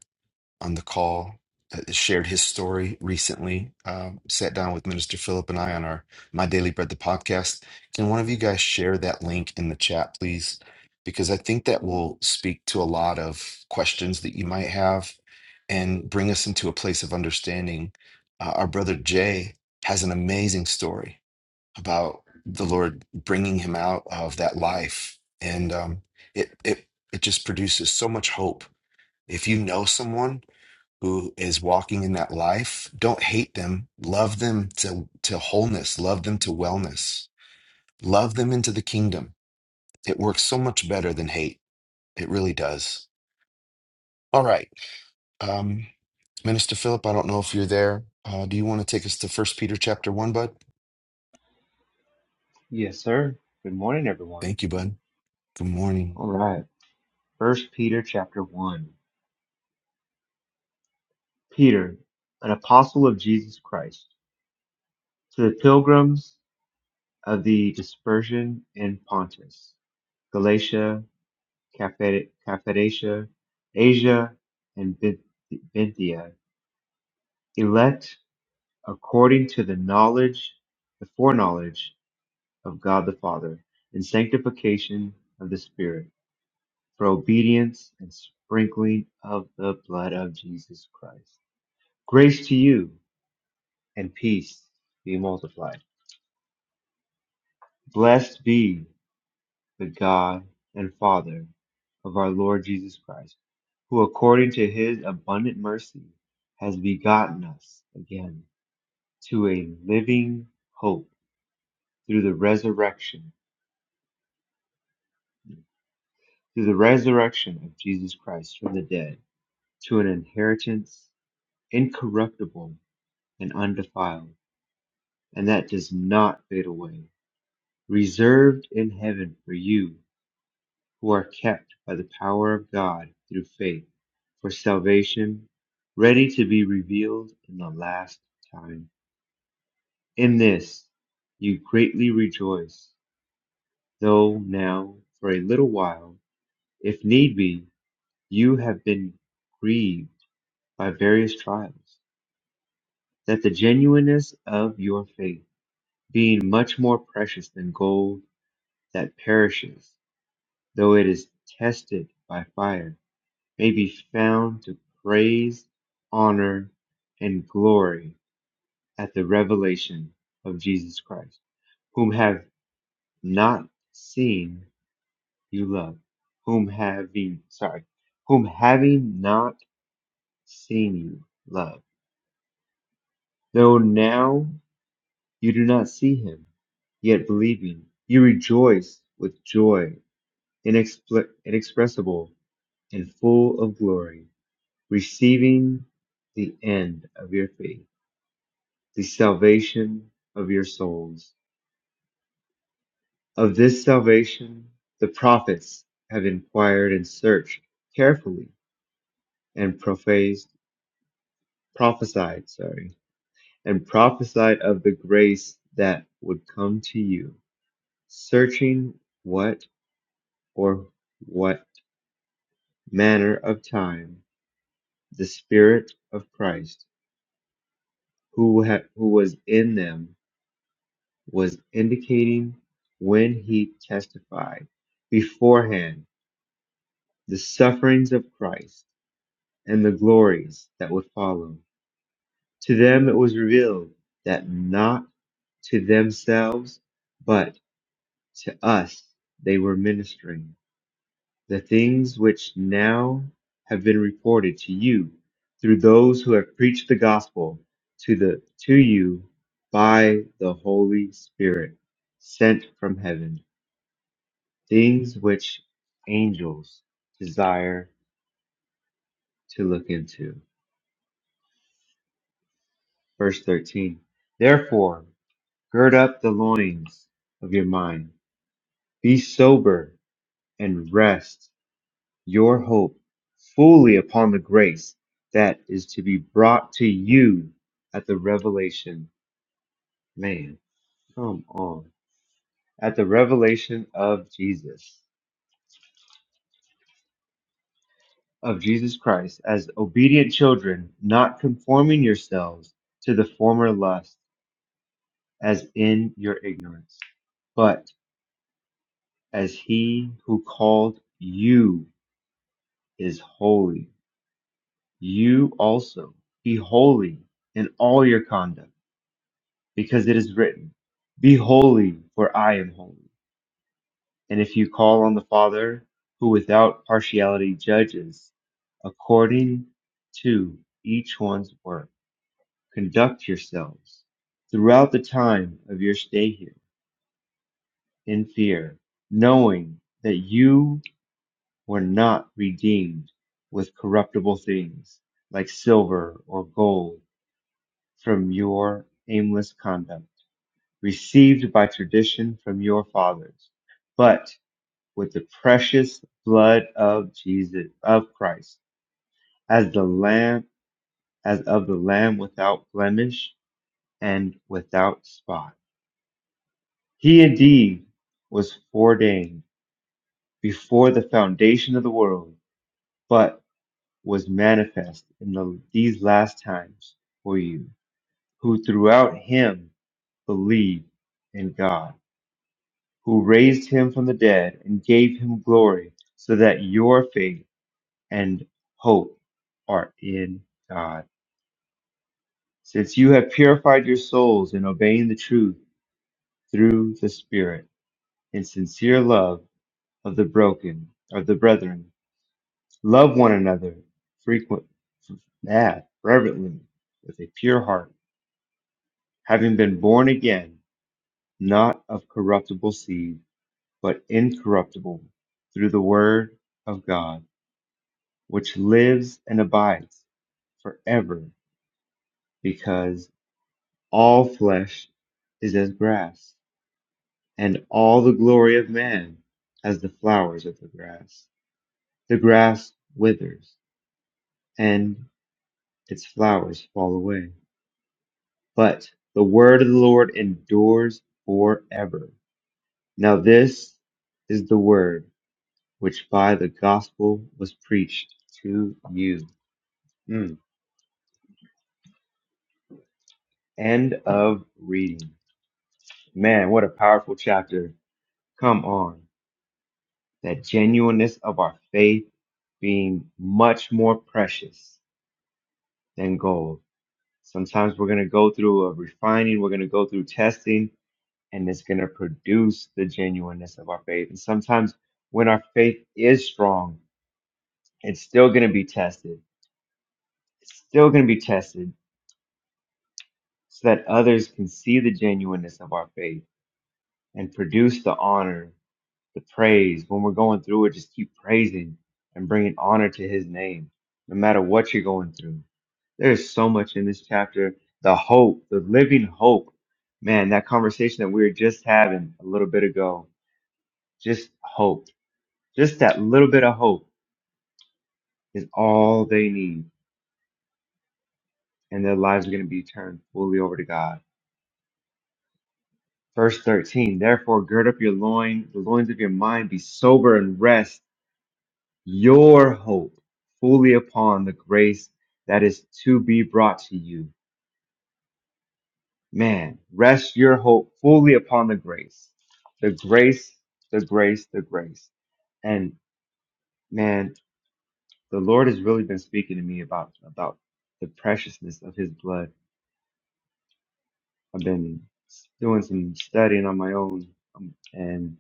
Speaker 1: on the call that shared his story recently. Um, sat down with Minister Philip and I on our My Daily Bread the podcast. Can one of you guys share that link in the chat, please? Because I think that will speak to a lot of questions that you might have and bring us into a place of understanding. Uh, our brother Jay has an amazing story about the Lord bringing him out of that life, and um, it it it just produces so much hope. If you know someone who is walking in that life, don't hate them. Love them to, to wholeness. Love them to wellness. Love them into the kingdom. It works so much better than hate. It really does. All right. Um, Minister Philip, I don't know if you're there. Uh, do you want to take us to First Peter chapter 1, bud?
Speaker 11: Yes, sir. Good morning, everyone.
Speaker 1: Thank you, bud. Good morning.
Speaker 11: All right. First Peter chapter one. Peter, an apostle of Jesus Christ, to the pilgrims of the dispersion in Pontus, Galatia, Capha- Cappadocia, Asia, and Bin- Bithynia, elect according to the knowledge, the foreknowledge of God the Father, and sanctification of the Spirit for obedience and sprinkling of the blood of Jesus Christ. Grace to you and peace be multiplied. Blessed be the God and Father of our Lord Jesus Christ, who according to his abundant mercy has begotten us again to a living hope through the resurrection, through the resurrection of Jesus Christ from the dead, to an inheritance incorruptible and undefiled and that does not fade away, reserved in heaven for you who are kept by the power of God through faith for salvation, ready to be revealed in the last time. In this you greatly rejoice, though now for a little while, if need be, you have been grieved by various trials, that the genuineness of your faith, being much more precious than gold that perishes, though it is tested by fire, may be found to praise, honor, and glory at the revelation of Jesus Christ, whom have not seen you love, whom having sorry, whom having not seen you love, though now you do not see him, yet believing you rejoice with joy inexpl- inexpressible and full of glory receiving the end of your faith, the salvation of your souls. Of this salvation, the prophets have inquired and searched carefully and prophesied, prophesied, sorry, and prophesied of the grace that would come to you, searching what or what manner of time the Spirit of Christ who, ha- who was in them was indicating when he testified beforehand the sufferings of Christ and the glories that would follow. To them it was revealed that not to themselves, but to us they were ministering the things which now have been reported to you through those who have preached the gospel to the to you by the Holy Spirit sent from heaven things which angels desire to look into. Verse 13. Therefore, gird up the loins of your mind, be sober, and rest your hope fully upon the grace that is to be brought to you at the revelation. Man, come on. At the revelation of Jesus, of Jesus Christ, as obedient children, not conforming yourselves to the former lust as in your ignorance, but as he who called you is holy, you also be holy in all your conduct, because it is written, Be holy, for I am holy. And if you call on the Father, who without partiality judges, according to each one's work, conduct yourselves throughout the time of your stay here in fear, knowing that you were not redeemed with corruptible things like silver or gold from your aimless conduct, received by tradition from your fathers, but with the precious blood of Jesus, of Christ, as the Lamb, as of the Lamb without blemish and without spot. He indeed was foreordained before the foundation of the world, but was manifest in the, these last times for you, who throughout him believed in God, who raised him from the dead and gave him glory, so that your faith and hope are in God. Since you have purified your souls in obeying the truth through the Spirit, in sincere love of the broken, of the brethren, love one another frequent, yeah, reverently, with a pure heart having been born again, not of corruptible seed, but incorruptible, through the word of God, which lives and abides forever, because all flesh is as grass, and all the glory of man as the flowers of the grass. The grass withers, and its flowers fall away. But the word of the Lord endures forever. Now, this is the word which by the gospel was preached to you. Mm. End of reading. Man, what a powerful chapter. Come on. That genuineness of our faith being much more precious than gold. Sometimes we're going to go through a refining, we're going to go through testing, and it's going to produce the genuineness of our faith. And sometimes when our faith is strong, it's still going to be tested. It's still going to be tested so that others can see the genuineness of our faith and produce the honor, the praise. When we're going through it, just keep praising and bringing honor to his name, no matter what you're going through. There's so much in this chapter. The hope, the living hope. Man, that conversation that we were just having a little bit ago, just hope, just that little bit of hope is all they need. And their lives are going to be turned fully over to God. Verse 13, therefore gird up your loin, the loins of your mind, be sober and rest your hope fully upon the grace that is to be brought to you. Man, rest your hope fully upon the grace. The grace, the grace, the grace. And man, the Lord has really been speaking to me about about the preciousness of his blood. I've been doing some studying on my own um, and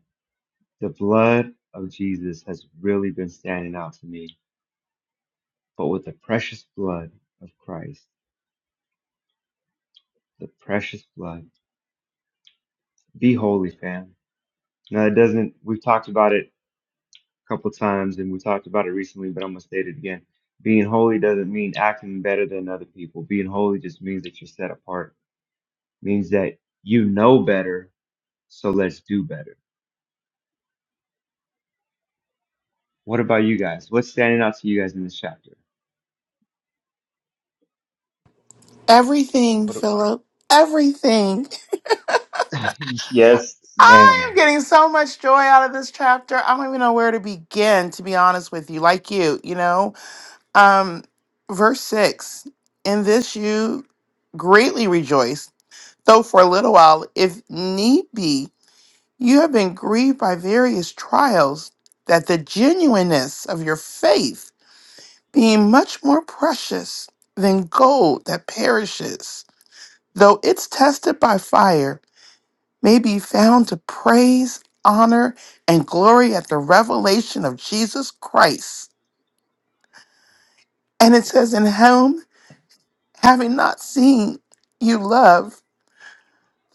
Speaker 11: The blood of Jesus has really been standing out to me. But with the precious blood of Christ, the precious blood, be holy, fam. Now, it doesn't, we've talked about it a couple times and we talked about it recently, but I'm going to state it again. Being holy doesn't mean acting better than other people. Being holy just means that you're set apart, means that you know better, so let's do better. What about you guys? What's standing out to you guys in this chapter?
Speaker 12: Everything,
Speaker 11: What?
Speaker 12: Philip. Everything.
Speaker 11: [laughs] yes,
Speaker 12: I am
Speaker 11: ma'am.
Speaker 12: getting so much joy out of this chapter. I don't even know where to begin, to be honest with you. Like you, you know. Um, verse six. In this you greatly rejoice, though for a little while, if need be, you have been grieved by various trials, that the genuineness of your faith, being much more precious than gold that perishes, though it's tested by fire may be found to praise, honor, and glory at the revelation of Jesus Christ. And it says, In whom, having not seen, you love,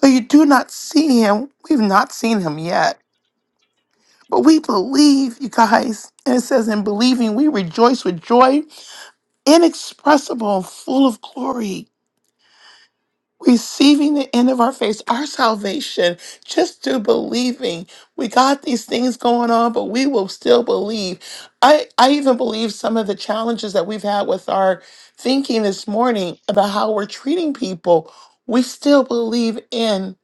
Speaker 12: though you do not see him, we've not seen him yet. But we believe, you guys. And it says, In believing, we rejoice with joy inexpressible and full of glory receiving the end of our faith, our salvation, just through believing. We got these things going on, but we will still believe. I, I even believe some of the challenges that we've had with our thinking this morning about how we're treating people, we still believe in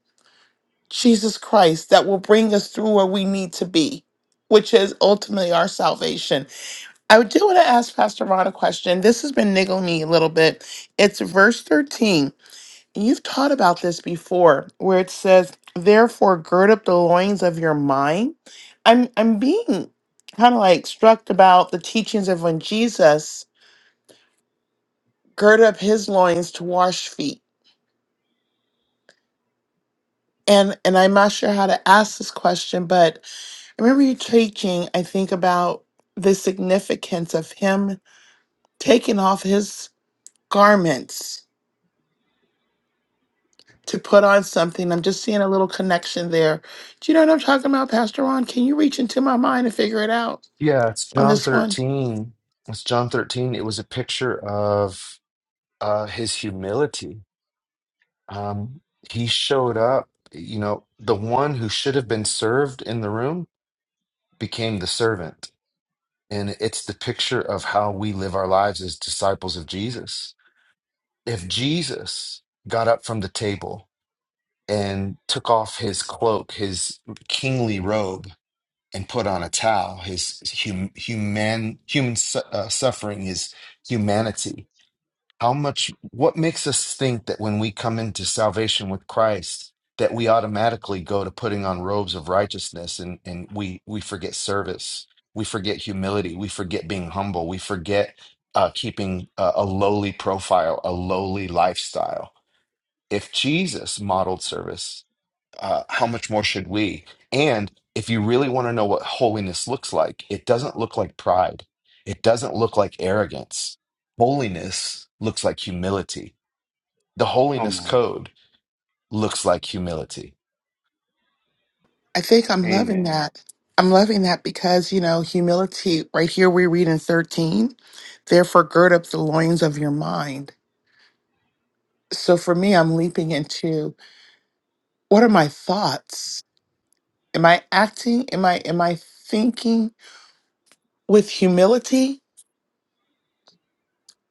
Speaker 12: Jesus Christ that will bring us through where we need to be. Which is ultimately our salvation. I do want to ask Pastor Ron a question. This has been niggling me a little bit. It's verse 13 You've taught about this before, where it says, "Therefore, gird up the loins of your mind." I'm I'm being kind of like struck about the teachings of when Jesus girded up his loins to wash feet, and and I'm not sure how to ask this question, but I remember you teaching. I think about the significance of him taking off his garments to put on something. I'm just seeing a little connection there. Do you know what I'm talking about, Pastor Ron? Can you reach into my mind and figure it out?
Speaker 1: Yeah, it's
Speaker 12: on
Speaker 1: John
Speaker 12: this one.
Speaker 1: 13. It's John 13. It was a picture of uh, his humility Um, he showed up, you know, the one who should have been served in the room became the servant. And it's the picture of how we live our lives as disciples of Jesus. If Jesus got up from the table and took off his cloak, his kingly robe, and put on a towel, his hum, human, human su- uh, suffering, his humanity, How much, what makes us think that when we come into salvation with Christ, that we automatically go to putting on robes of righteousness and, and we, we forget service, we forget humility, we forget being humble, we forget uh, keeping a, a lowly profile, a lowly lifestyle. If Jesus modeled service, uh, how much more should we? And if you really want to know what holiness looks like, it doesn't look like pride, it doesn't look like arrogance. Holiness looks like humility. The
Speaker 11: Come
Speaker 1: holiness
Speaker 11: on.
Speaker 1: code looks like humility.
Speaker 12: I think I'm loving
Speaker 11: Amen.
Speaker 12: that. I'm loving that because, you know, humility, right here we read in 13, therefore gird up the loins of your mind. So for me, I'm leaping into what are my thoughts? Am I acting? Am I am I thinking with humility?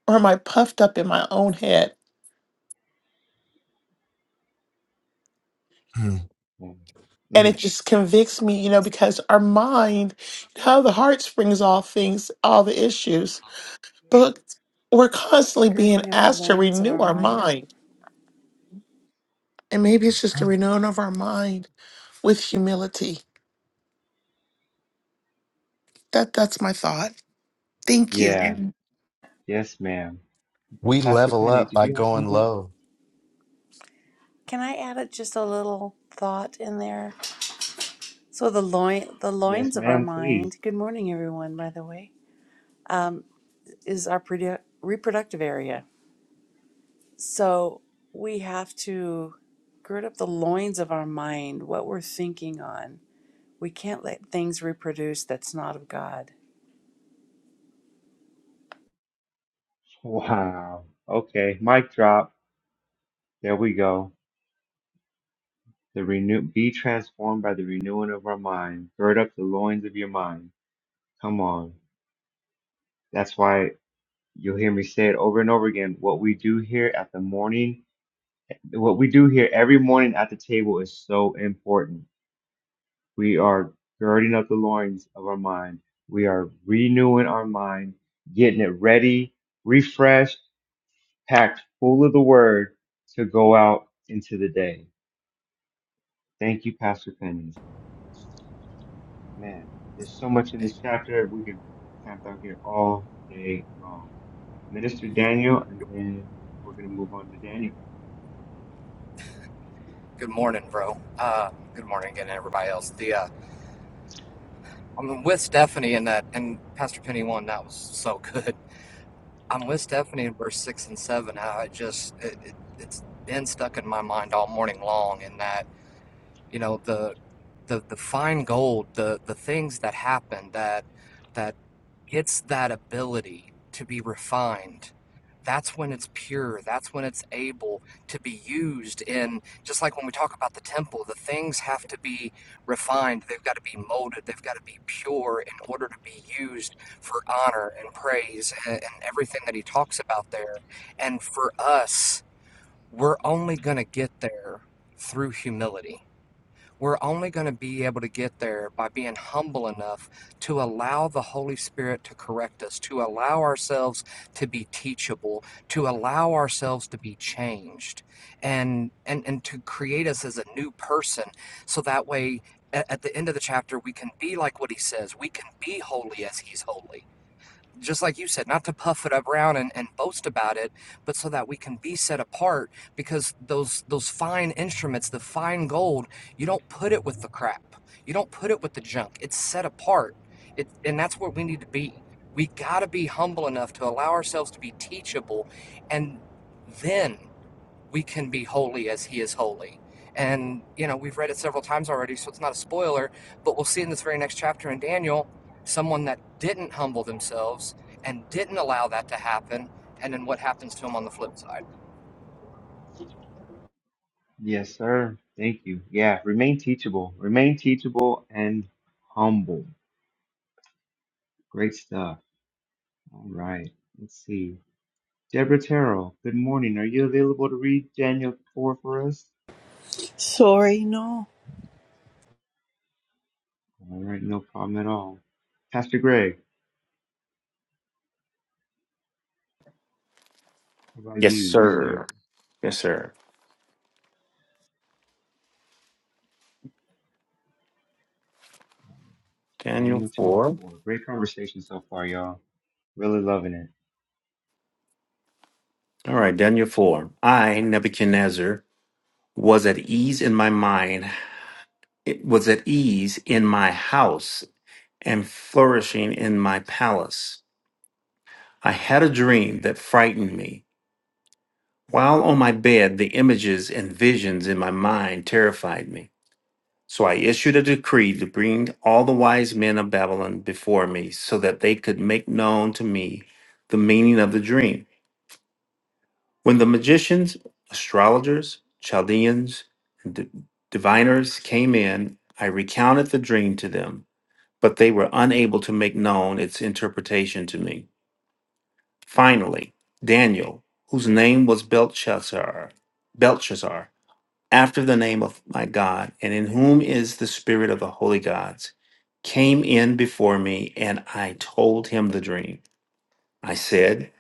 Speaker 12: Or am I puffed up in my own head?
Speaker 1: Hmm.
Speaker 11: Mm.
Speaker 12: And it
Speaker 11: Mm.
Speaker 12: just convicts me, you know, because our mind, how the heart springs all things, all the issues. But we're constantly being
Speaker 13: girding up the
Speaker 12: asked to
Speaker 13: loins of
Speaker 12: renew
Speaker 13: our
Speaker 12: our
Speaker 13: mind.
Speaker 12: mind And maybe it's just a renewing of our mind with humility. That that's my thought. Thank you.
Speaker 11: Yeah. Yes, ma'am.
Speaker 1: We
Speaker 11: Pastor
Speaker 1: level
Speaker 11: Penny,
Speaker 1: up
Speaker 11: did
Speaker 1: by
Speaker 11: you have
Speaker 1: going
Speaker 11: something?
Speaker 1: low.
Speaker 13: Can I add it just a little thought in there? So the loin, the
Speaker 11: Yes,
Speaker 13: loins of our
Speaker 11: ma'am, please.
Speaker 13: mind. Good morning, everyone. By the way, um, is our produ- reproductive area. So we have to gird up the loins of our mind. What we're thinking on. We can't let things reproduce that's not of God.
Speaker 11: Wow. Okay. Mic drop. There we go. The renew be transformed by the renewing of our mind. Gird up the loins of your mind. Come on. That's why you'll hear me say it over and over again. What we do here at the morning, what we do here every morning at the table is so important We are girding up the loins of our mind. We are renewing our mind, getting it ready, refreshed, packed full of the word to go out into the day. Thank you, Pastor Penny. Man, there's so much in this chapter. We could camp out here all day long. Minister Daniel, and then we're going to move on to Daniel.
Speaker 2: Good morning, bro. Uh, good morning again, everybody else. The uh, I'm with Stephanie in that, and Pastor Penny one that was so [laughs] good. I'm with Stephanie in verse six and seven. How I just it, it, it's been stuck in my mind all morning long. In that you know the the the fine gold the the things that happen that that gets that ability to be refined that's when it's pure that's when it's able to be used in just like when we talk about the temple the things have to be refined they've got to be molded they've got to be pure in order to be used for honor and praise and, and everything that he talks about there and for us we're only going to get there through humility we're only going to be able to get there by being humble enough to allow the Holy Spirit to correct us, to allow ourselves to be teachable, to allow ourselves to be changed, and and and to create us as a new person, so that way. At the end of the chapter, we can be like what he says. We can be holy as he's holy just like you said, not to puff it up around and, and boast about it, but so that we can be set apart because those those fine instruments, the fine gold, you don't put it with the crap. You don't put it with the junk. It's set apart. It and that's what we need to be. We gotta be humble enough to allow ourselves to be teachable and then we can be holy as he is holy. And, you know, we've read it several times already, so it's not a spoiler, but we'll see in this very next chapter in Daniel someone that didn't humble themselves and didn't allow that to happen, and then what happens to him on the flip side.
Speaker 11: Yes, sir. Thank you. Yeah, remain teachable. Remain teachable and humble. Great stuff. All right. Let's see. Deborah Terrell, good morning. Are you available to read Daniel 4 for us?
Speaker 14: Sorry, no.
Speaker 11: All right. No problem at all. Pastor Greg, how about
Speaker 9: Yes,
Speaker 11: you, sir?
Speaker 9: sir. Yes, sir. Daniel
Speaker 11: Daniel chapter
Speaker 9: 4.
Speaker 11: 4. Great conversation so far, y'all. Really loving it.
Speaker 9: All right, Daniel 4. I, Nebuchadnezzar, was at ease in my mind, it was at ease in my house, and flourishing in my palace. I had a dream that frightened me. While on my bed, the images and visions in my mind terrified me. So I issued a decree to bring all the wise men of Babylon before me so that they could make known to me the meaning of the dream. When the magicians, astrologers, Chaldeans, and di- diviners came in, I recounted the dream to them, but they were unable to make known its interpretation to me. Finally, Daniel, whose name was Belshazzar, Belshazzar, after the name of my God, and in whom is the spirit of the holy gods, came in before me, and I told him the dream. I said,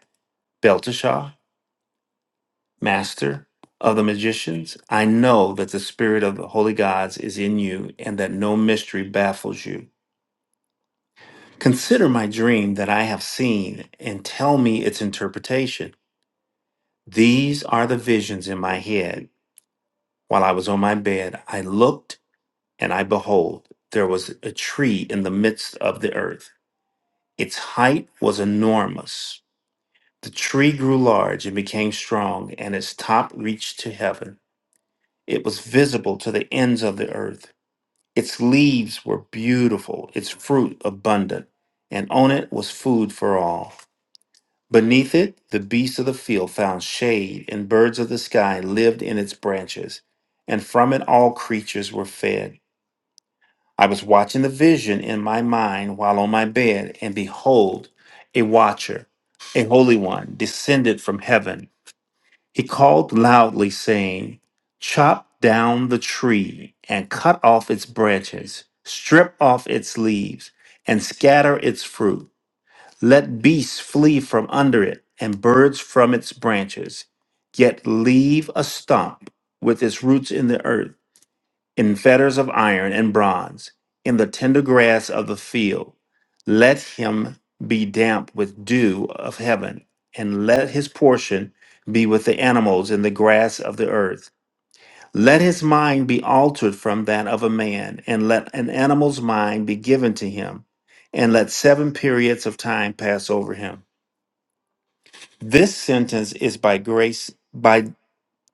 Speaker 9: Belteshazzar. master of the magicians, I know that the spirit of the holy gods is in you and that no mystery baffles you. Consider my dream that I have seen and tell me its interpretation. These are the visions in my head. While I was on my bed, I looked and I behold, there was a tree in the midst of the earth. Its height was enormous. The tree grew large and became strong, and its top reached to heaven. It was visible to the ends of the earth. Its leaves were beautiful, its fruit abundant, and on it was food for all. Beneath it, the beasts of the field found shade, and birds of the sky lived in its branches, and from it all creatures were fed. I was watching the vision in my mind while on my bed, and behold, a watcher, a holy one, descended from heaven. He called loudly, saying, Chop down the tree and cut off its branches, strip off its leaves, and scatter its fruit. Let beasts flee from under it and birds from its branches, yet leave a stump with its roots in the earth in fetters of iron and bronze, in the tender grass of the field. Let him be damp with dew of heaven, and let his portion be with the animals in the grass of the earth. Let his mind be altered from that of a man, and let an animal's mind be given to him, and let seven periods of time pass over him. This sentence is by grace, by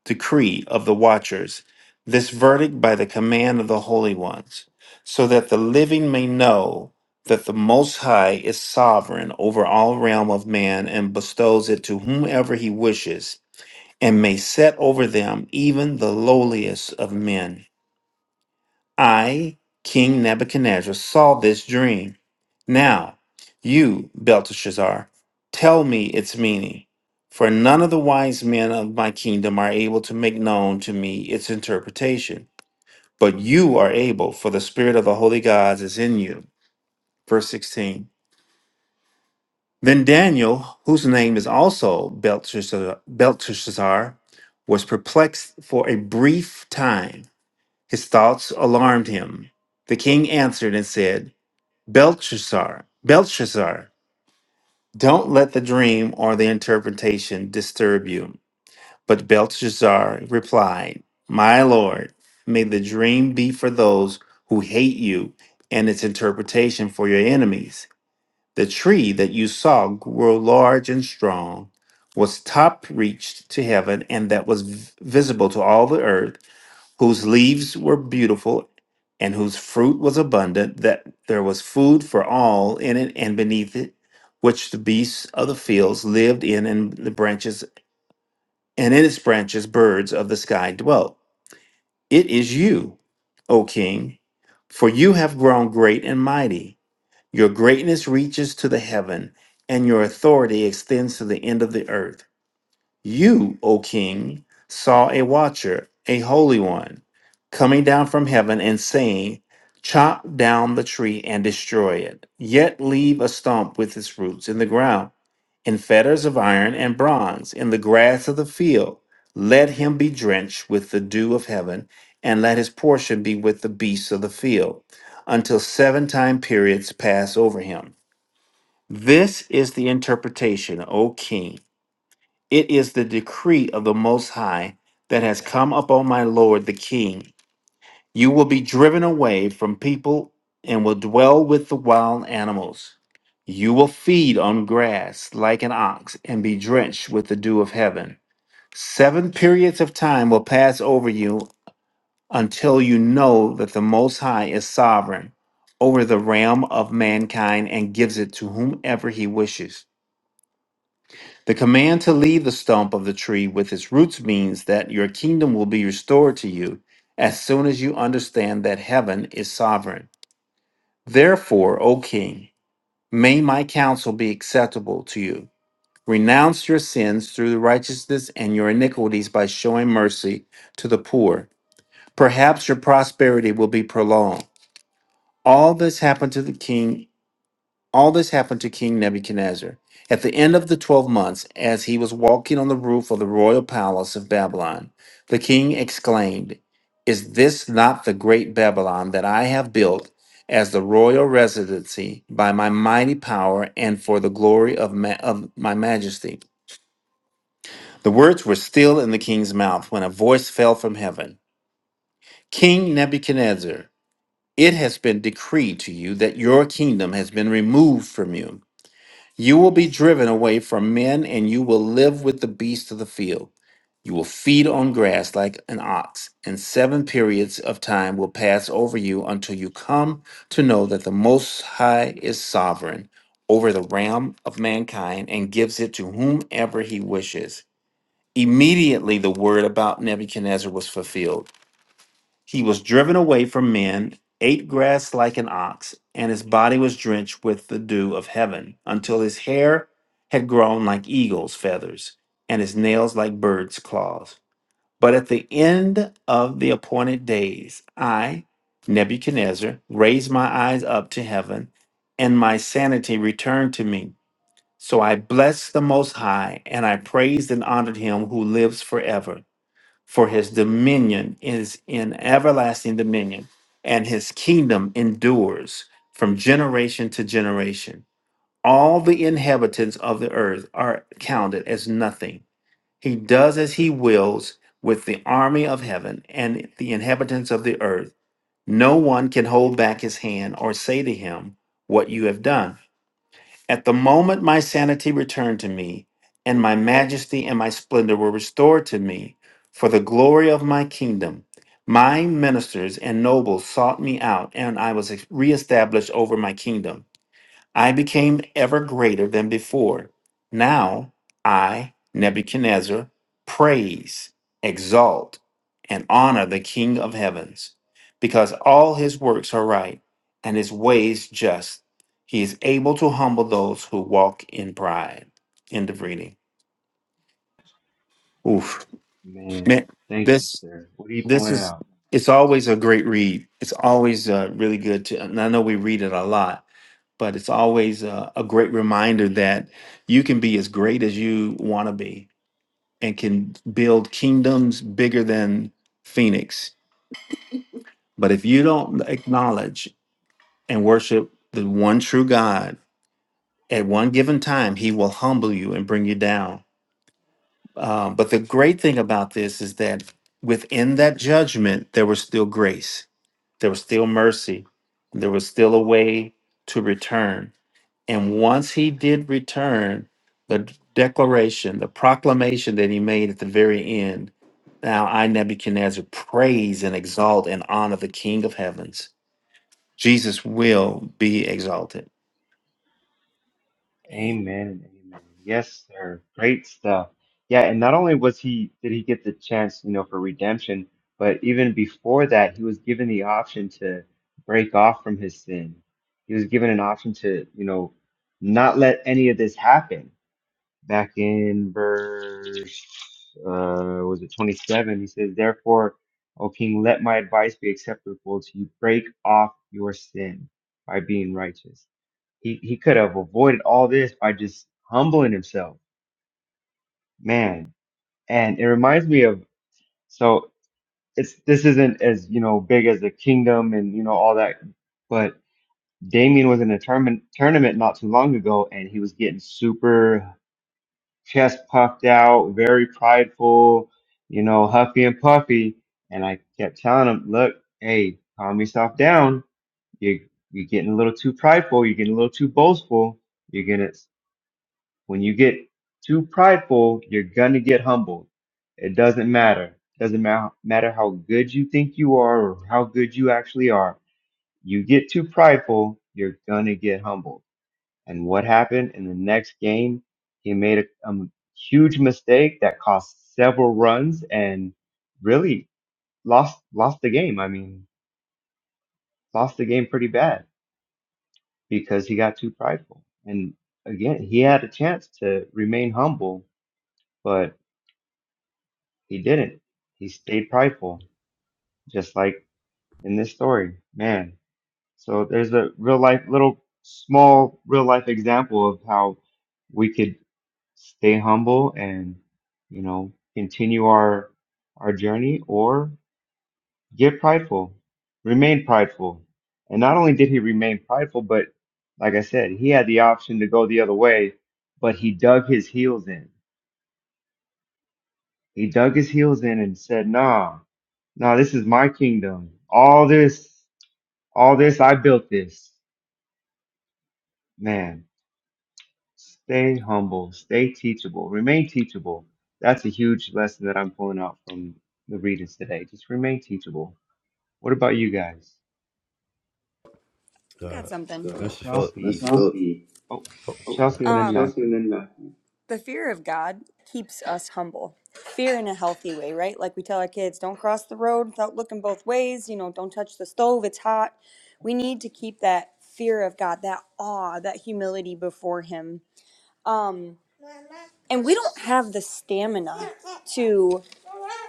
Speaker 9: decree of the watchers, this verdict by the command of the holy ones, so that the living may know that the Most High is sovereign over all realm of man and bestows it to whomever he wishes, and may set over them even the lowliest of men. I, King Nebuchadnezzar, saw this dream. Now, you, Belteshazzar, tell me its meaning, for none of the wise men of my kingdom are able to make known to me its interpretation. But you are able, for the spirit of the holy gods is in you. Verse 16. Then Daniel, whose name is also Belteshazzar, Belteshazzar was perplexed for a brief time. His thoughts alarmed him. The king answered and said, Belshazzar, Belshazzar, don't let the dream or the interpretation disturb you. But Belshazzar replied, My Lord, may the dream be for those who hate you, and its interpretation for your enemies. The tree that you saw grew large and strong, was top reached to heaven, and that was v- visible to all the earth whose leaves were beautiful and whose fruit was abundant, that there was food for all in it and beneath it, which the beasts of the fields lived in, and the branches, and in its branches birds of the sky dwelt. It is you, O king, for you have grown great and mighty. Your greatness reaches to the heaven, and your authority extends to the end of the earth. You, O king, saw a watcher, a holy one, coming down from heaven and saying, Chop down the tree and destroy it, yet leave a stump with its roots in the ground, in fetters of iron and bronze, in the grass of the field. Let him be drenched with the dew of heaven, and let his portion be with the beasts of the field, until seven time periods pass over him. This is the interpretation, O king. It is the decree of the Most High that has come upon my Lord the King. You will be driven away from people and will dwell with the wild animals. You will feed on grass like an ox and be drenched with the dew of heaven. Seven periods of time will pass over you until you know that the Most High is sovereign over the realm of mankind and gives it to whomever he wishes. The command to leave the stump of the tree with its roots means that your kingdom will be restored to you as soon as you understand that heaven is sovereign. Therefore, O king, may my counsel be acceptable to you. Renounce your sins through the righteousness and your iniquities by showing mercy to the poor. Perhaps your prosperity will be prolonged. All this happened to the king All this happened to King Nebuchadnezzar at the end of the twelve months, as he was walking on the roof of the royal palace of Babylon. The king exclaimed, Is this not the great Babylon that I have built as the royal residency by my mighty power and for the glory of, ma- of my majesty? The words were still in the king's mouth when a voice fell from heaven King Nebuchadnezzar, it has been decreed to you that your kingdom has been removed from you You will be driven away from men, and you will live with the beasts of the field. You will feed on grass like an ox, and seven periods of time will pass over you until you come to know that the Most High is sovereign over the realm of mankind and gives it to whomever he wishes. Immediately, the word about Nebuchadnezzar was fulfilled. He was driven away from men, ate grass like an ox, and his body was drenched with the dew of heaven, until his hair had grown like eagle's feathers, and his nails like birds' claws. But at the end of the appointed days, I, Nebuchadnezzar, raised my eyes up to heaven, and my sanity returned to me. So I blessed the Most High, and I praised and honored him who lives forever. For his dominion is in everlasting dominion, and his kingdom endures from generation to generation. All the inhabitants of the earth are counted as nothing. He does as he wills with the army of heaven and the inhabitants of the earth. No one can hold back his hand or say to him, What you have done. At the moment my sanity returned to me, and my majesty and my splendor were restored to me for the glory of my kingdom, my ministers and nobles sought me out, and I was reestablished over my kingdom. I became ever greater than before. Now I, Nebuchadnezzar, praise, exalt, and honor the King of heavens, because all his works are right and his ways just. He is able to humble those who walk in pride. End of reading. Oof.
Speaker 11: Man,
Speaker 9: Man,
Speaker 11: thank you,
Speaker 9: this
Speaker 11: sir. What are you
Speaker 9: this
Speaker 11: pulling
Speaker 9: is
Speaker 11: out?
Speaker 9: it's always a great read. It's always uh, really good to and I know we read it a lot, but it's always a, a great reminder that you can be as great as you want to be and can build kingdoms bigger than Phoenix. But if you don't acknowledge and worship the one true God at one given time, he will humble you and bring you down. Um, but the great thing about this is that within that judgment, there was still grace, there was still mercy, there was still a way to return And once he did return, the declaration, the proclamation that he made at the very end Now I, Nebuchadnezzar, praise and exalt and honor the King of heavens. Jesus will be exalted.
Speaker 11: Amen. Amen. Yes, sir. Great stuff. Yeah, and not only was he did he get the chance, you know, for redemption, but even before that, he was given the option to break off from his sin. He was given an option to, you know, not let any of this happen. Back in verse uh was it 27, he says, Therefore, O king, let my advice be acceptable to you. Break off your sin by being righteous he he could have avoided all this by just humbling himself, man. And it reminds me of so it's this isn't as you know big as the kingdom and you know all that, but Damien was in a tournament tournament not too long ago, and he was getting super chest puffed out, very prideful, you know, huffy and puffy. And I kept telling him, look, hey, calm yourself down. You you're getting a little too prideful. You're getting a little too boastful. You're gonna When you get too prideful, you're gonna get humbled. It doesn't matter. Doesn't ma- matter how good you think you are or how good you actually are. You get too prideful, you're gonna get humbled. And what happened in the next game? He made a um, huge mistake that cost several runs and really lost lost the game. I mean, lost the game pretty bad because he got too prideful. And again, he had a chance to remain humble, but. He didn't. He stayed prideful, just like in this story. Man. So there's a real life, little small real life example of how we could stay humble and, you know, continue our our journey or get prideful, remain prideful. And not only did he remain prideful, but like I said, he had the option to go the other way, but he dug his heels in. He dug his heels in and said, "Nah, No, this is my kingdom. All this, all this, I built this. Man, stay humble, stay teachable, remain teachable. That's a huge lesson that I'm pulling out from the readings today. Just remain teachable. What about you guys?
Speaker 10: I've
Speaker 4: Uh,
Speaker 10: got something. So
Speaker 4: Mr. Phillip.
Speaker 10: let's
Speaker 11: Chelsea.
Speaker 10: go. Chelsea,
Speaker 11: Oh,
Speaker 4: Oh,
Speaker 10: oh,
Speaker 4: okay.
Speaker 11: Chelsea and then
Speaker 10: Um, Chelsea and
Speaker 11: Matthew,
Speaker 10: then Matthew. the fear of God keeps us humble. Fear in a healthy way, right? Like we tell our kids, don't cross the road without looking both ways. You know, don't touch the stove, it's hot. We need to keep that fear of God, that awe, that humility before Him. Um, and we don't have the stamina to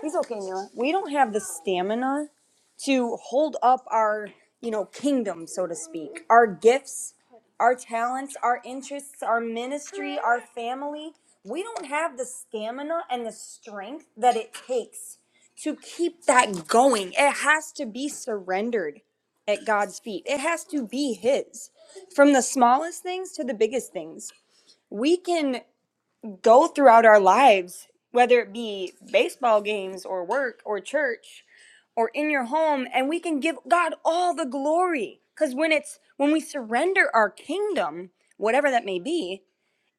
Speaker 10: he's okay Mila. we don't have the stamina to hold up our you know kingdom so to speak our gifts our talents our interests our ministry our family we don't have the stamina and the strength that it takes to keep that going it has to be surrendered at God's feet. It has to be His. From the smallest things to the biggest things. We can go throughout our lives, whether it be baseball games or work or church or in your home, and we can give God all the glory. Because when it's when we surrender our kingdom, whatever that may be,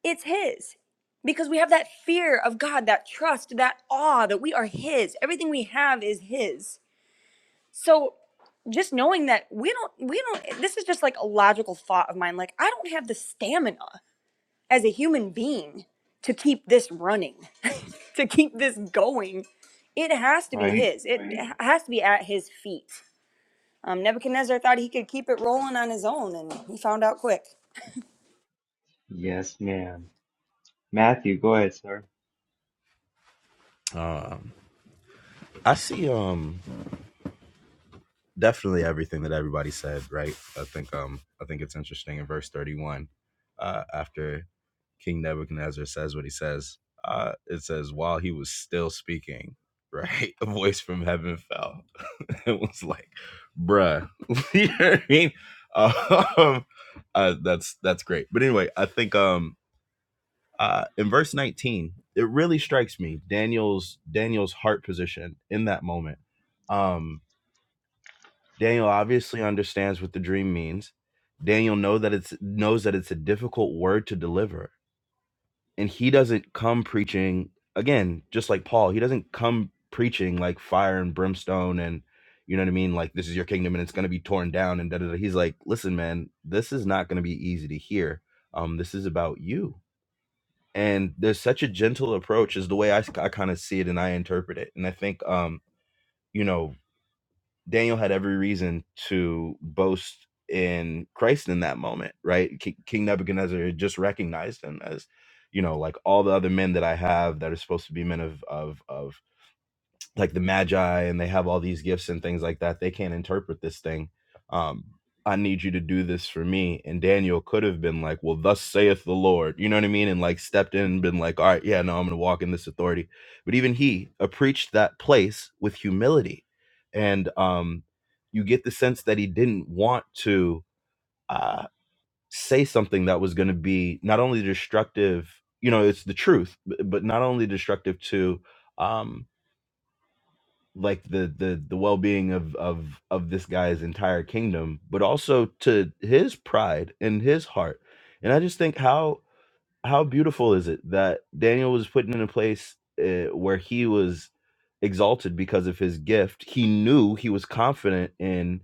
Speaker 10: it's His. Because we have that fear of God, that trust, that awe that we are His. Everything we have is His. So just knowing that we don't, we don't, this is just like a logical thought of mine. Like, I don't have the stamina as a human being to keep this running, [laughs] to keep this going. It has to be
Speaker 11: right?
Speaker 10: his. It Right. has to be at his feet. Um, Nebuchadnezzar thought he could keep it rolling on his own, and he found out quick.
Speaker 11: Yes, ma'am. Matthew, go ahead, sir.
Speaker 4: Um, I see. Um, definitely everything that everybody said, right? I think um I think it's interesting in verse 31, uh, after King Nebuchadnezzar says what he says, uh, it says, while he was still speaking, [laughs] right, a voice from heaven fell. [laughs] it was like, bruh. [laughs] you know what I mean? [laughs] Um, uh, that's that's great. But anyway, I think um uh, in verse 19, it really strikes me Daniel's Daniel's heart position in that moment. um. Daniel obviously understands what the dream means. Daniel know that it's knows that it's a difficult word to deliver. And he doesn't come preaching again, just like Paul, he doesn't come preaching like fire and brimstone and you know what I mean? Like this is your kingdom and it's gonna be torn down and da da da. He's like, listen, man, this is not gonna be easy to hear. Um, this is about you. And there's such a gentle approach is the way I, I kind of see it and I interpret it. And I think um, you know, Daniel had every reason to boast in Christ in that moment, right? Ki- King Nebuchadnezzar had just recognized him as, you know, like all the other men that I have that are supposed to be men of of of like the magi and they have all these gifts and things like that they can't interpret this thing um i need you to do this for me and daniel could have been like well thus saith the lord you know what i mean and like stepped in and been like all right yeah no i'm gonna walk in this authority but even he approached that place with humility and um you get the sense that he didn't want to uh say something that was gonna be not only destructive you know it's the truth b- but not only destructive to um like the the the well-being of of of this guy's entire kingdom but also to his pride and his heart and i just think how how beautiful is it that daniel was put in a place uh, where he was exalted because of his gift he knew he was confident in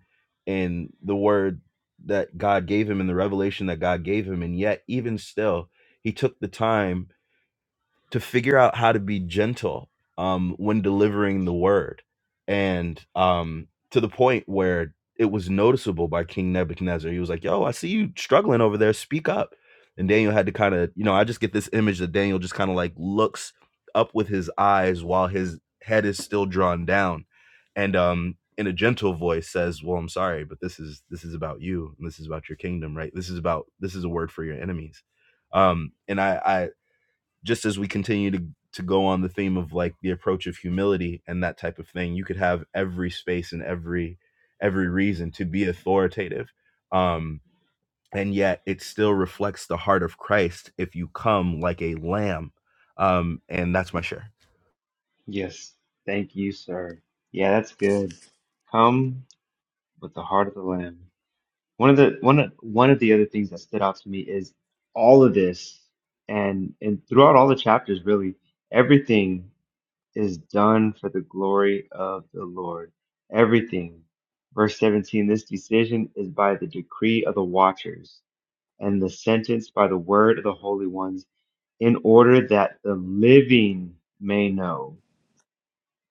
Speaker 4: in the word that god gave him and the revelation that god gave him and yet even still he took the time to figure out how to be gentle um, when delivering the word. And um, to the point where it was noticeable by King Nebuchadnezzar. He was like, Yo, I see you struggling over there. Speak up. And Daniel had to kind of, you know, I just get this image that Daniel just kind of like looks up with his eyes while his head is still drawn down. And um, in a gentle voice says, Well, I'm sorry, but this is this is about you and this is about your kingdom, right? This is about this is a word for your enemies um and I, I just as we continue to to go on the theme of like the approach of humility and that type of thing you could have every space and every every reason to be authoritative um and yet it still reflects the heart of christ if you come like a lamb um and that's my share
Speaker 11: Yes, thank you, sir. Yeah, that's good. Come with the heart of the Lamb. One of the one of- one of the other things that stood out to me is all of this, and and throughout all the chapters, really, everything is done for the glory of the Lord. Everything. Verse 17, this decision is by the decree of the watchers, and the sentence by the word of the holy ones, in order that the living may know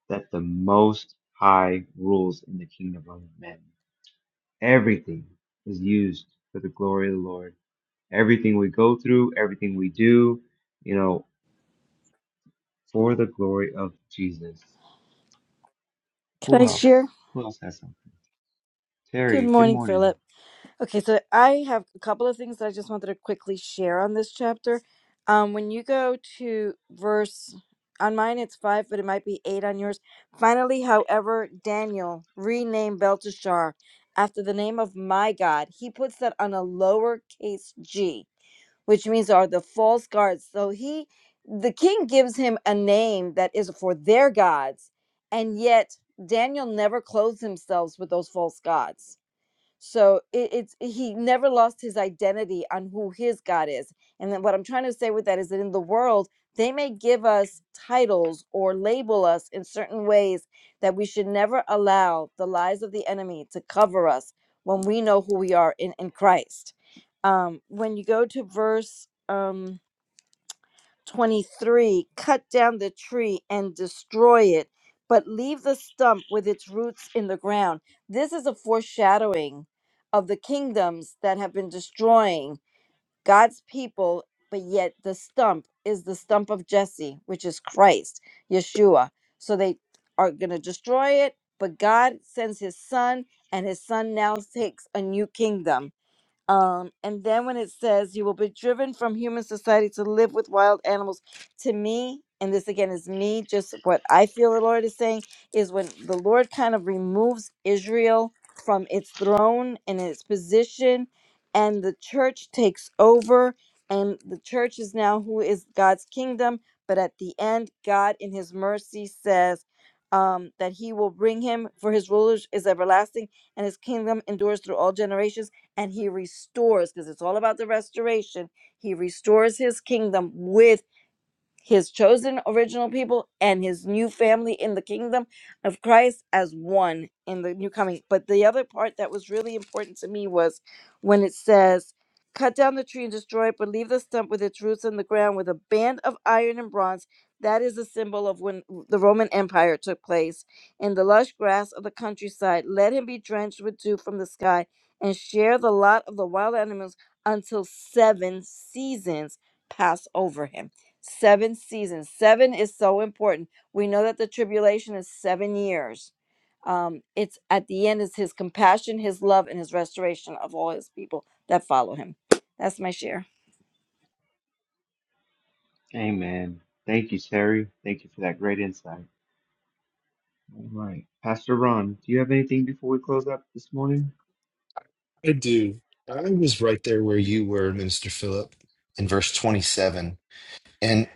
Speaker 11: that the Most High rules in the kingdom of men. Everything is used for the glory of the Lord everything we go through, everything we do, you know, for the glory of Jesus.
Speaker 15: Can
Speaker 11: Who
Speaker 15: I share?
Speaker 11: else? Who else has something?
Speaker 15: Good
Speaker 11: Terry, good
Speaker 15: morning,
Speaker 11: morning.
Speaker 15: Philip. Okay, so I have a couple of things that I just wanted to quickly share on this chapter. Um, when you go to verse, on mine it's five, but it might be eight on yours. Finally, however, Daniel renamed Belteshazzar after the name of my God. He puts that on a lowercase g which means are the false gods. So he, the king gives him a name that is for their gods, and yet Daniel never clothes himself with those false gods so it, it's he never lost his identity on who his God is. And then what I'm trying to say with that is that in the world, they may give us titles or label us in certain ways that we should never allow the lies of the enemy to cover us when we know who we are in, in Christ. Um, when you go to verse um, 23 cut down the tree and destroy it but leave the stump with its roots in the ground this is a foreshadowing of the kingdoms that have been destroying god's people but yet the stump is the stump of jesse which is christ yeshua so they are going to destroy it but god sends his son and his son now takes a new kingdom um, and then when it says you will be driven from human society to live with wild animals, to me, and this again is me, just what I feel the Lord is saying is when the Lord kind of removes Israel from its throne and its position, and the church takes over, and the church is now who is God's kingdom. But at the end, God in his mercy says, um, that he will bring him for his rulers is everlasting and his kingdom endures through all generations and he restores because it's all about the restoration he restores his kingdom with his chosen original people and his new family in the kingdom of Christ as one in the new coming. But the other part that was really important to me was when it says, Cut down the tree and destroy it, but leave the stump with its roots in the ground with a band of iron and bronze. That is a symbol of when the Roman Empire took place. In the lush grass of the countryside, let him be drenched with dew from the sky and share the lot of the wild animals until seven seasons pass over him Seven seasons. Seven is so important. We know that the tribulation is seven years. Um, it's at the end is his compassion, his love, and his restoration of all his people that follow him. That's my share.
Speaker 11: Amen. Thank you, Terry. Thank you for that great insight. All right. Pastor Ron, do you have anything before we close up this morning?
Speaker 1: I do. I was right there where you were, Minister Philip, in verse 27. And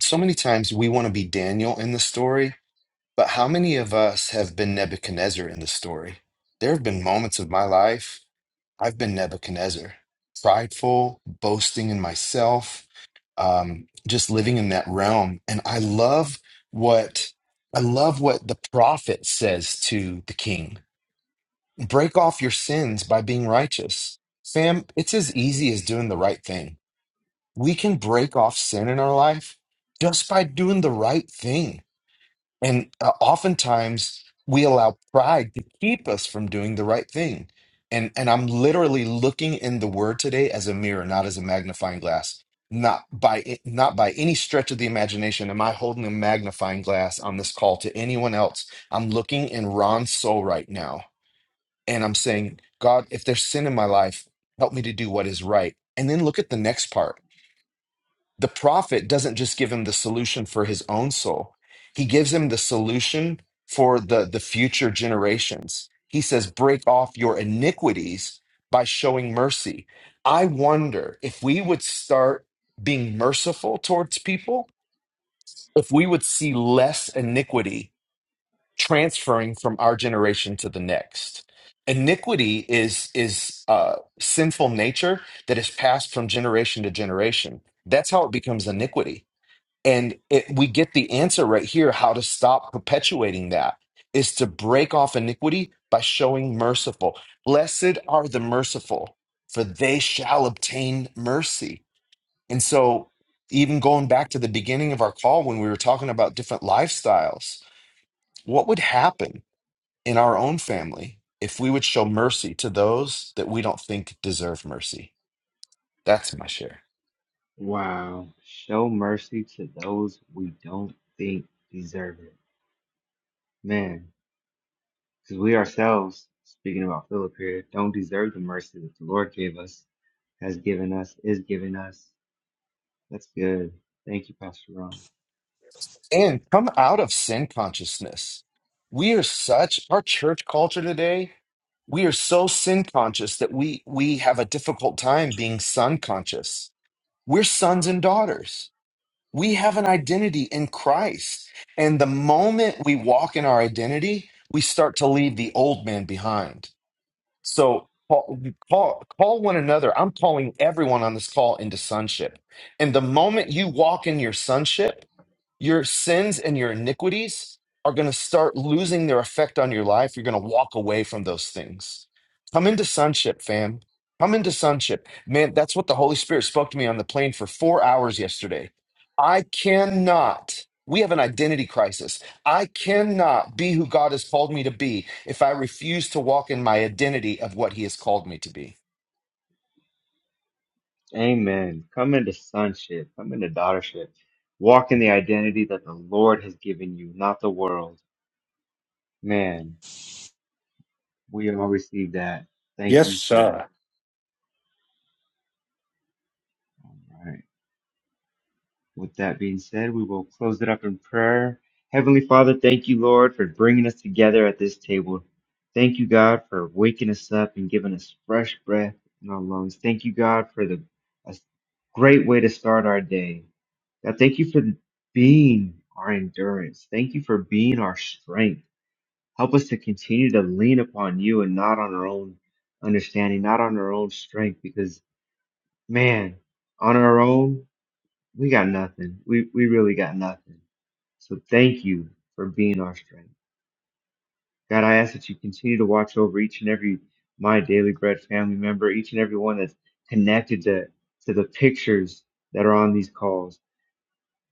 Speaker 1: so many times we want to be Daniel in the story, but how many of us have been Nebuchadnezzar in the story? There have been moments of my life I've been Nebuchadnezzar, prideful, boasting in myself, um, just living in that realm. And I love what I love what the prophet says to the king break off your sins by being righteous. Fam, it's as easy as doing the right thing. We can break off sin in our life just by doing the right thing. And uh, oftentimes we allow pride to keep us from doing the right thing. And, and I'm literally looking in the word today as a mirror, not as a magnifying glass. Not by not by any stretch of the imagination am I holding a magnifying glass on this call to anyone else. I'm looking in Ron's soul right now and I'm saying, God, if there's sin in my life, help me to do what is right. And then look at the next part. The prophet doesn't just give him the solution for his own soul, he gives him the solution for the, the future generations. He says, Break off your iniquities by showing mercy. I wonder if we would start being merciful towards people, if we would see less iniquity transferring from our generation to the next. Iniquity is is uh, sinful nature that is passed from generation to generation. That's how it becomes iniquity, and it, we get the answer right here: how to stop perpetuating that is to break off iniquity by showing merciful. Blessed are the merciful, for they shall obtain mercy. And so, even going back to the beginning of our call when we were talking about different lifestyles, what would happen in our own family if we would show mercy to those that we don't think deserve mercy. That's my share.
Speaker 11: Wow. Show mercy to those we don't think deserve it. Man, because we ourselves, speaking about Philip here, don't deserve the mercy that the Lord gave us, has given us, is giving us. That's good. Thank you, Pastor Ron.
Speaker 1: And come out of sin consciousness. We are such our church culture today. We are so sin conscious that we we have a difficult time being son conscious. We're sons and daughters. We have an identity in Christ. And the moment we walk in our identity, we start to leave the old man behind So call, call, call one another. I'm calling everyone on this call into sonship. And the moment you walk in your sonship, your sins and your iniquities are going to start losing their effect on your life. You're going to walk away from those things. Come into sonship, fam. Come into sonship. Man, that's what the Holy Spirit spoke to me on the plane for four hours yesterday. I cannot. We have an identity crisis. I cannot be who God has called me to be if I refuse to walk in my identity of what He has called me to be.
Speaker 11: Amen. Come into sonship. Come into daughtership. Walk in the identity that the Lord has given you, not the world. Man, we all receive that. Thank
Speaker 9: Yes,
Speaker 11: you, sir.
Speaker 9: sir.
Speaker 11: All right. With that being said, we will close it up in prayer. Heavenly Father, thank you, Lord, for bringing us together at this table. Thank you, God, for waking us up and giving us fresh breath in our lungs. Thank you, God, for the a great way to start our day. God, thank you for being our endurance. Thank you for being our strength. Help us to continue to lean upon you and not on our own understanding, not on our own strength, because man, on our own, we got nothing. We we really got nothing. So thank you for being our strength. God, I ask that you continue to watch over each and every my daily bread family member, each and every one that's connected to, to the pictures that are on these calls.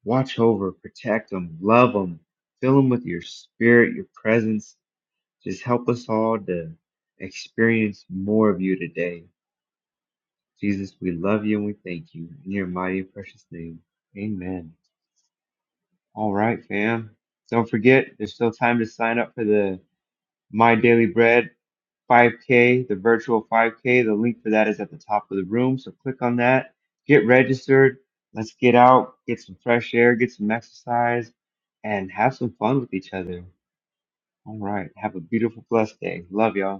Speaker 11: Watch over, protect them, love them, fill them with your spirit, your presence. Just help us all to experience more of you today. Jesus, we love you and we thank you. In your mighty and precious name, amen. All right, fam. Don't forget, there's still time to sign up for the My Daily Bread 5K, the virtual 5K. The link for that is at the top of the room. So click on that, get registered. Let's get out, get some fresh air, get some exercise, and have some fun with each other. All right. Have a beautiful, blessed day. Love y'all.